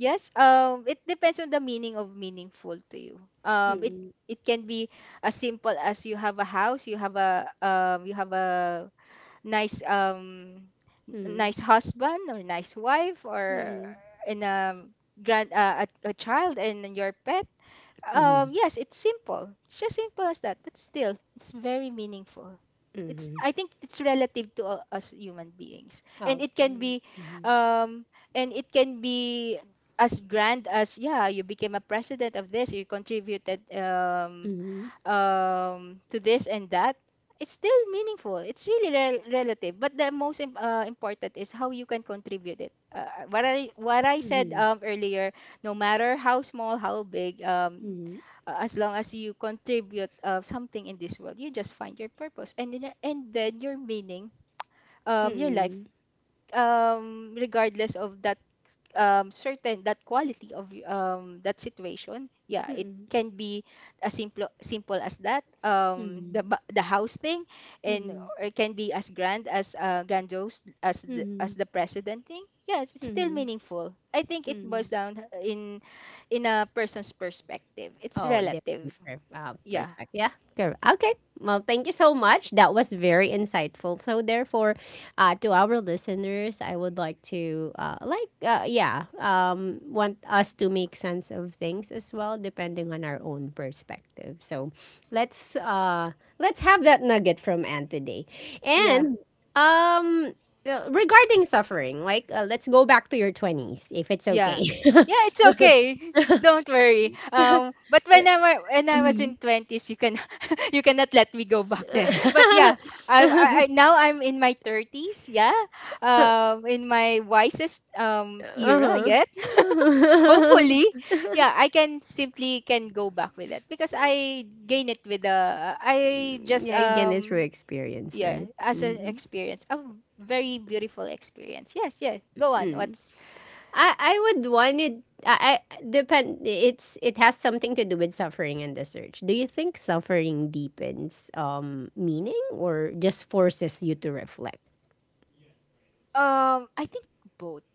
Speaker 2: yes, um it depends on the meaning of meaningful to you. um it
Speaker 1: Mm-hmm.
Speaker 2: it can be as simple as you have a house, you have a— um you have a nice— um n- nice husband or nice wife, or
Speaker 1: Mm-hmm.
Speaker 2: in a grand, uh, a, a child, and then your pet.
Speaker 1: Mm-hmm.
Speaker 2: Um, yes, it's simple. It's just simple as that, but still, it's very meaningful. It's
Speaker 1: Mm-hmm.
Speaker 2: I think it's relative to u- us human beings, and
Speaker 1: Okay.
Speaker 2: it can be,
Speaker 1: Mm-hmm.
Speaker 2: um, and it can be as grand as, yeah, you became a president of this, you contributed, um,
Speaker 1: Mm-hmm.
Speaker 2: um, to this and that. It's still meaningful. It's really rel- relative, but the most im- uh, important is how you can contribute it. Uh, what I what I said
Speaker 1: Mm-hmm.
Speaker 2: um, earlier no matter how small, how big, um, uh, as long as you contribute uh, something in this world, you just find your purpose, and then and then your meaning, um your life,
Speaker 1: Mm-hmm.
Speaker 2: um regardless of that, um certain that quality of y- um that situation. Yeah, it
Speaker 1: Mm-hmm.
Speaker 2: can be as simple simple as that, um the
Speaker 1: Mm-hmm.
Speaker 2: ba- the house thing, and
Speaker 1: Mm-hmm.
Speaker 2: or it can be as grand as uh grandiose as the,
Speaker 1: Mm-hmm.
Speaker 2: as the president thing. Yes, it's still
Speaker 1: Mm-hmm.
Speaker 2: meaningful. I think it
Speaker 1: Mm-hmm.
Speaker 2: boils down uh, in in a person's perspective. It's
Speaker 1: Oh,
Speaker 2: relative.
Speaker 1: different per-— uh,
Speaker 2: Yeah.
Speaker 1: perspective. Yeah, correct. Okay. Well, thank you so much. That was very insightful. So, therefore, uh, to our listeners, I would like to, uh, like, uh, yeah, um, want us to make sense of things as well, depending on our own perspective. So, let's uh, let's have that nugget from Anne today,
Speaker 2: Yeah,
Speaker 1: and um. Uh, regarding suffering, like, uh, let's go back to your twenties, if it's
Speaker 2: yeah.
Speaker 1: okay.
Speaker 2: Yeah, it's okay. Don't worry. Um, but when I were, when I was
Speaker 1: Hmm.
Speaker 2: in twenties, you can you cannot let me go back there. But yeah, I, I I- now I'm in my thirties. Yeah, um, in my wisest um era
Speaker 1: Uh-huh.
Speaker 2: yet. Hopefully, yeah, I can simply can go back with it because I gain it with the I just
Speaker 1: Yeah, you get it through
Speaker 2: um
Speaker 1: experience, right?
Speaker 2: yeah as an
Speaker 1: Mm-hmm.
Speaker 2: experience, a very beautiful experience. Yes, yeah. Go on.
Speaker 1: Mm.
Speaker 2: What's
Speaker 1: I— I would want it. I, I depend. It's— it has something to do with suffering and the search. Do you think suffering deepens um, meaning or just forces you to reflect?
Speaker 2: Um, I think both.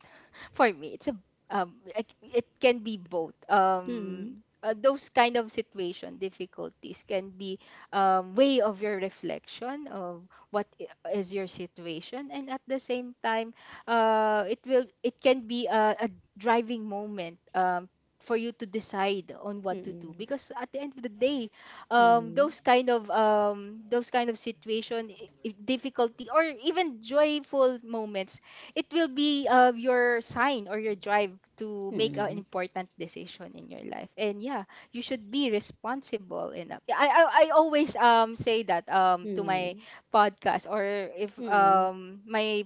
Speaker 2: For me, it's a um, it it can be both.
Speaker 1: Mm.
Speaker 2: Um, uh, those kind of situation difficulties can be um, way of your reflection of what i- is your situation, and at the same time, uh, it will it can be a, a driving moment, um, for you to decide on what to do
Speaker 1: Mm.
Speaker 2: because at the end of the day, um,
Speaker 1: Mm.
Speaker 2: those kind of um, those kind of situation, i- i- difficulty or even joyful moments, it will be uh, your sign or your drive to make an
Speaker 1: Mm.
Speaker 2: important decision in your life. And yeah, you should be responsible enough. Yeah, i i, I always um say that um to my
Speaker 1: Mm.
Speaker 2: podcast or if
Speaker 1: Mm.
Speaker 2: um my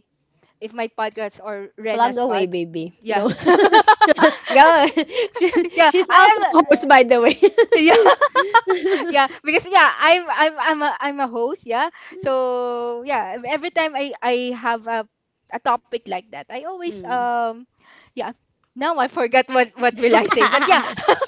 Speaker 2: if my podcast or
Speaker 1: Plug
Speaker 2: Rena's
Speaker 1: away,
Speaker 2: pod.
Speaker 1: baby.
Speaker 2: Yeah.
Speaker 1: Go, go. She-—
Speaker 2: Yeah,
Speaker 1: she's also
Speaker 2: I
Speaker 1: a host,
Speaker 2: am.
Speaker 1: by the way.
Speaker 2: Yeah, yeah, because yeah, i'm i'm i'm a, I'm a host. Yeah, so yeah, every time i i have a, a topic like that, I always
Speaker 1: Mm.
Speaker 2: um yeah now I forgot what what will I say, but yeah.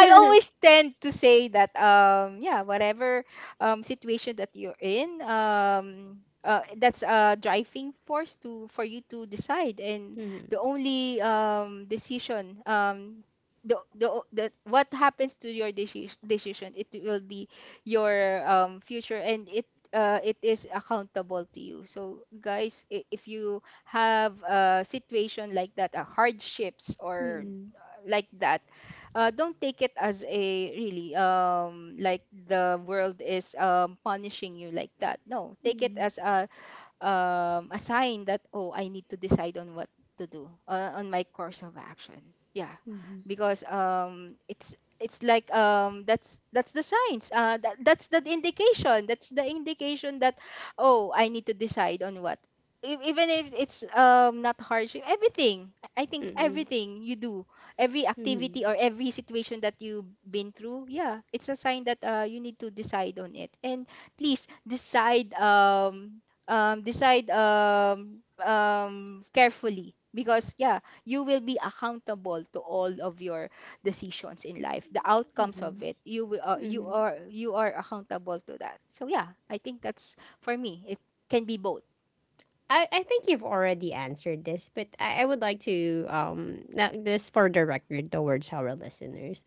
Speaker 2: I always tend to say that um yeah, whatever um situation that you're in, um uh, that's a driving force to for you to decide. And
Speaker 1: Mhm.
Speaker 2: the only um decision, um the, the, o- the what happens to your deci- decision, it will be your um future. And it, uh, it is accountable to you. So guys, i- if you have a situation like that, a hardships or
Speaker 1: Mhm.
Speaker 2: like that, uh, don't take it as a really um like the world is um punishing you like that. No, take it
Speaker 1: Mhm.
Speaker 2: as a um, a sign that oh, I need to decide on what to do uh, on my course of action. Yeah,
Speaker 1: Mhm.
Speaker 2: because um, it's it's like um, that's that's the signs. Uh, that, that's the indication. That's the indication that oh, I need to decide on what. E- Even if it's um, not hardship, everything. I I think
Speaker 1: Mhm.
Speaker 2: everything you do, every
Speaker 1: Mhm.
Speaker 2: activity or every situation that you've been through, yeah, it's a sign that uh, you need to decide on it. And please decide um um, decide um, um, carefully, because yeah, you will be accountable to all of your decisions in life. The outcomes of
Speaker 1: Mhm.
Speaker 2: it, you will uh, you
Speaker 1: Mhm.
Speaker 2: are you are accountable to that. So yeah, I think that's for me, it can be both.
Speaker 1: I, I think you've already answered this, but I, I would like to um, now this for the record towards our listeners.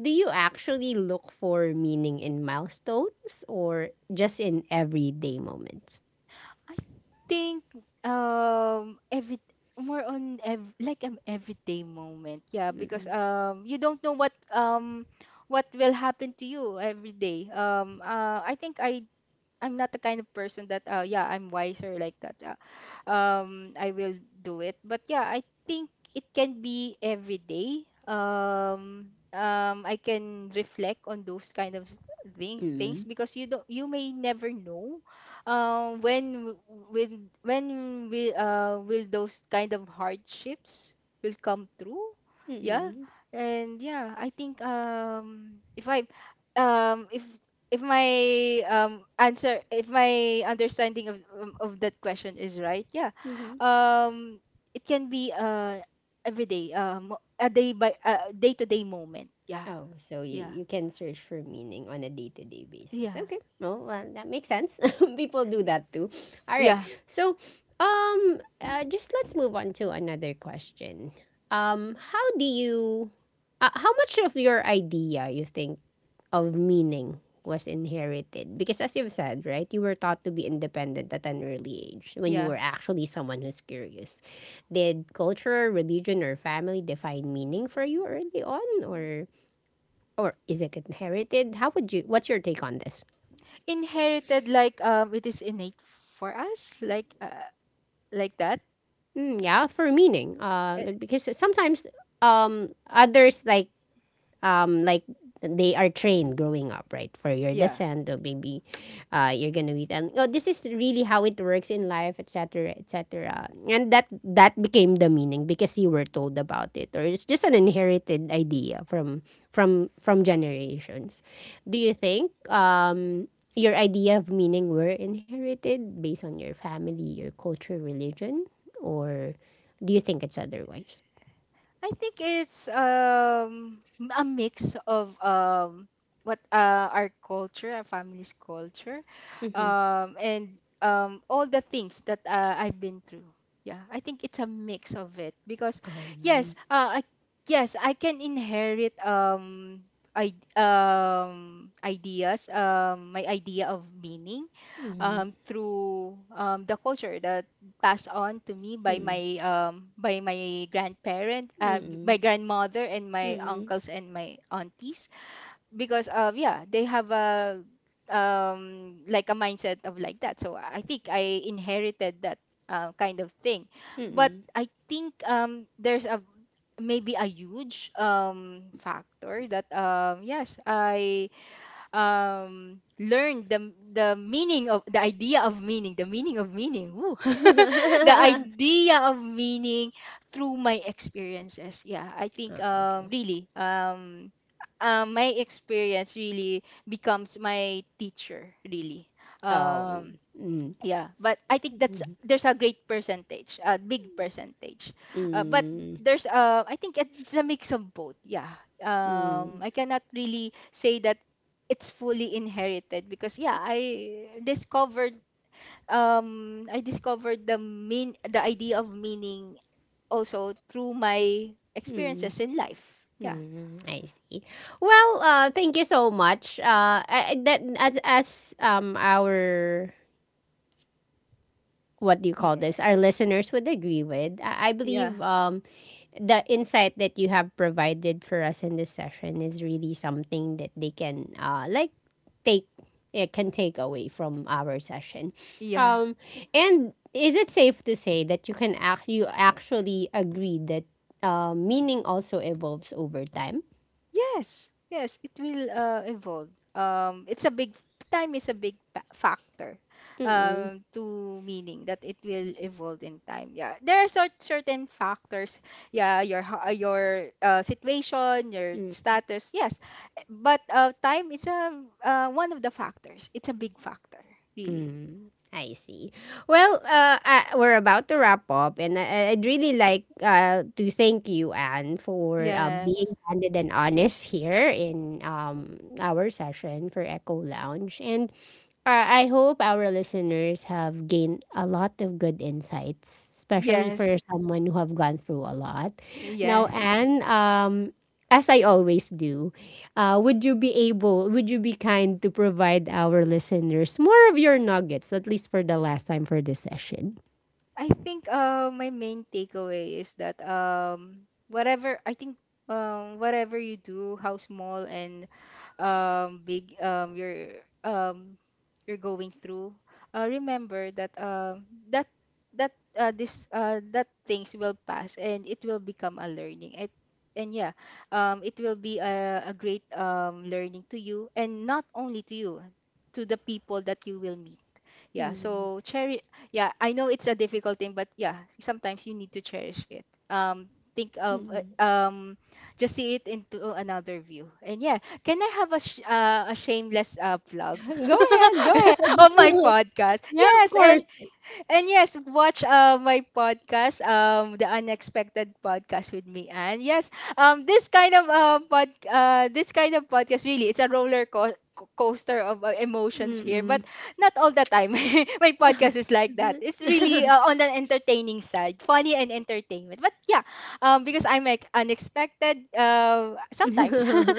Speaker 1: Do you actually look for meaning in milestones or just in everyday moments?
Speaker 2: I think um every more on ev- like an everyday moment. Yeah, because
Speaker 1: Mm-mm.
Speaker 2: um you don't know what um what will happen to you every day. um uh, i think i I'm not the kind of person that uh yeah I'm wiser like that. Yeah, um I will do it, but yeah, I think it can be every day. um um I can reflect on those kind of thing, things,
Speaker 1: Mm-mm.
Speaker 2: because you don't you may never know um when w- when when will uh will those kind of hardships will come through. Yeah. And yeah, I think um if I um if if my um answer, if my understanding of um, of that question is right, yeah, um it can be uh every day, um a day by a day to day moment. Yeah.
Speaker 1: Oh, so you—
Speaker 2: Yeah.
Speaker 1: you can search for meaning on a day to day basis.
Speaker 2: Yeah.
Speaker 1: Okay, well, uh, that makes sense. People do that too. All right,
Speaker 2: Yeah.
Speaker 1: so um, uh, just let's move on to another question. Um, how do you— uh, how much of your idea you think of meaning was inherited? Because as you've said, right, you were taught to be independent at an early age when you
Speaker 2: Yeah.
Speaker 1: were actually someone who's curious. Did culture, religion, or family define meaning for you early on, or— or is it inherited? How would you? What's your take on this?
Speaker 2: Inherited, like um it is innate for us, like uh, like that.
Speaker 1: Mm, yeah, for meaning, uh,
Speaker 2: Uh,
Speaker 1: because sometimes um, others like um like they are trained growing up, right? For your
Speaker 2: yeah,
Speaker 1: descent, or maybe uh, you're gonna be and oh, this is really how it works in life, et cetera, et cetera. And that— that became the meaning because you were told about it, or it's just an inherited idea from from from generations. Do you think um, your idea of meaning were inherited based on your family, your culture, religion, or do you think it's otherwise?
Speaker 2: I think it's um m- a mix of um what uh our culture, our family's culture,
Speaker 1: Mm-hmm.
Speaker 2: um and um all the things that uh, I've been through. Yeah, I think it's a mix of it, because yes,
Speaker 1: Um,
Speaker 2: uh I, yes, I can inherit um I um ideas, um my idea of meaning,
Speaker 1: mm-hmm.
Speaker 2: um, through um, the culture that passed on to me by my um, by my grandparent, uh, my
Speaker 1: Mm-mm.
Speaker 2: grandmother, and my
Speaker 1: Mm-mm.
Speaker 2: uncles and my aunties. Because uh, yeah, they have a um, like a mindset of like that. So I think I inherited that uh, kind of thing. But
Speaker 1: Mm-mm.
Speaker 2: I think um, there's a maybe a huge um, factor that um, yes, I um, learn the the meaning of the idea of meaning, the meaning of meaning, woo. The idea of meaning through my experiences. Yeah, I think
Speaker 1: Ah,
Speaker 2: um,
Speaker 1: okay.
Speaker 2: really um, um, my experience really becomes my teacher. Really,
Speaker 1: Oh,
Speaker 2: um,
Speaker 1: mm.
Speaker 2: yeah, but I
Speaker 1: S-—
Speaker 2: think that's
Speaker 1: mhm.
Speaker 2: there's a great percentage, a big percentage, uh, but
Speaker 1: Mm.
Speaker 2: there's uh I think it's a mix of both. Yeah, um
Speaker 1: Mm.
Speaker 2: I cannot really say that it's fully inherited, because yeah, I discovered um I discovered the mean, the idea of meaning also through my
Speaker 1: Mm.
Speaker 2: experiences in life. Yeah.
Speaker 1: Mm. I see. Well, uh, thank you so much. Uh, I- I- that as— as um, our— what do you call this?
Speaker 2: Yeah.
Speaker 1: Our listeners would agree with. I, I believe
Speaker 2: Yeah.
Speaker 1: um, the insight that you have provided for us in this session is really something that they can, uh, like, take— it can take away from our session.
Speaker 2: Yeah.
Speaker 1: Um, and is it safe to say that you can act— you actually agree that uh, meaning also evolves over time?
Speaker 2: Yes, yes, it will uh, evolve. Um, it's a big time is a big pa- factor,
Speaker 1: Mm-mm.
Speaker 2: um, to meaning that it will evolve in time. Yeah, there are cer- certain factors. Yeah, your ho- uh, your uh, situation, your
Speaker 1: Mm.
Speaker 2: status. Yes, eh, but uh, time is a uh, one of the factors. It's a big factor, really.
Speaker 1: Mm, I see. Well, uh, uh, we're about to wrap up, and I, I'd really like uh, to thank you, Anne, for uh,
Speaker 2: Yes,
Speaker 1: being candid and honest here in um, our session for Echo Lounge. And uh, I hope our listeners have gained a lot of good insights, especially
Speaker 2: yes,
Speaker 1: for someone who have gone through a lot. Now,
Speaker 2: yes.
Speaker 1: Anne, um, as I always do, uh, would you be able— would you be kind to provide our listeners more of your nuggets, at least for the last time for this session?
Speaker 2: I think uh, my main takeaway is that um, whatever I think um, whatever you do, how small and um, big, um, you're um, you're going through, uh, remember that um, that that uh, this uh, that things will pass and it will become a learning. It, and yeah, um, it will be a, a great um, learning to you, and not only to you, to the people that you will meet. Yeah,
Speaker 1: Mm.
Speaker 2: so cherish. Yeah, I know it's a difficult thing, but yeah, sometimes you need to cherish it. um think of
Speaker 1: Mm.
Speaker 2: uh, um just see it into another view. And yeah, can I have a sh- uh, a shameless uh, plug
Speaker 1: Go ahead, go ahead.
Speaker 2: of my podcast?
Speaker 1: Yeah, of
Speaker 2: Yes. and
Speaker 1: course.
Speaker 2: and yes, watch uh, my podcast, um, the Unexpected Podcast with me. And yes, um, this kind of uh, pod, uh, this kind of podcast, really, it's a roller co- co- coaster of uh, emotions here, but
Speaker 1: Mm-mm.
Speaker 2: not all the time. My podcast is like that. It's really uh, on an entertaining side, funny and entertainment. But yeah, um, because I'm like unexpected. Uh, sometimes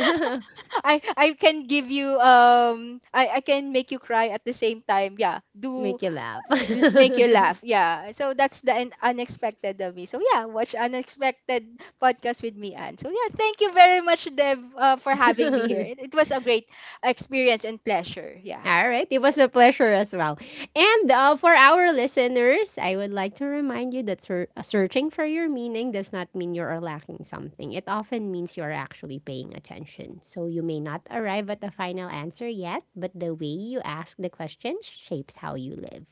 Speaker 2: I I can give you um I I can make you cry at the same time. Yeah, do
Speaker 1: Make you laugh.
Speaker 2: l- make you laugh. Yeah. So that's the un- unexpected of me. So yeah, watch Unexpected Podcast with me, Anne. So yeah, thank you very much, Deb, uh, for having me here. It, it was a great experience and pleasure. Yeah.
Speaker 1: All right. It was a pleasure as well. And uh, for our listeners, I would like to remind you that ser-— uh, searching for your meaning does not mean you are lacking something. It often means you are actually paying attention. So you may not arrive at the final answer yet, but the way you ask the question shapes how you live.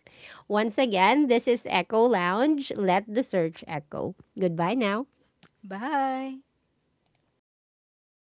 Speaker 1: Once again, this is Echo Lounge. Let the search echo. Goodbye now.
Speaker 2: Bye.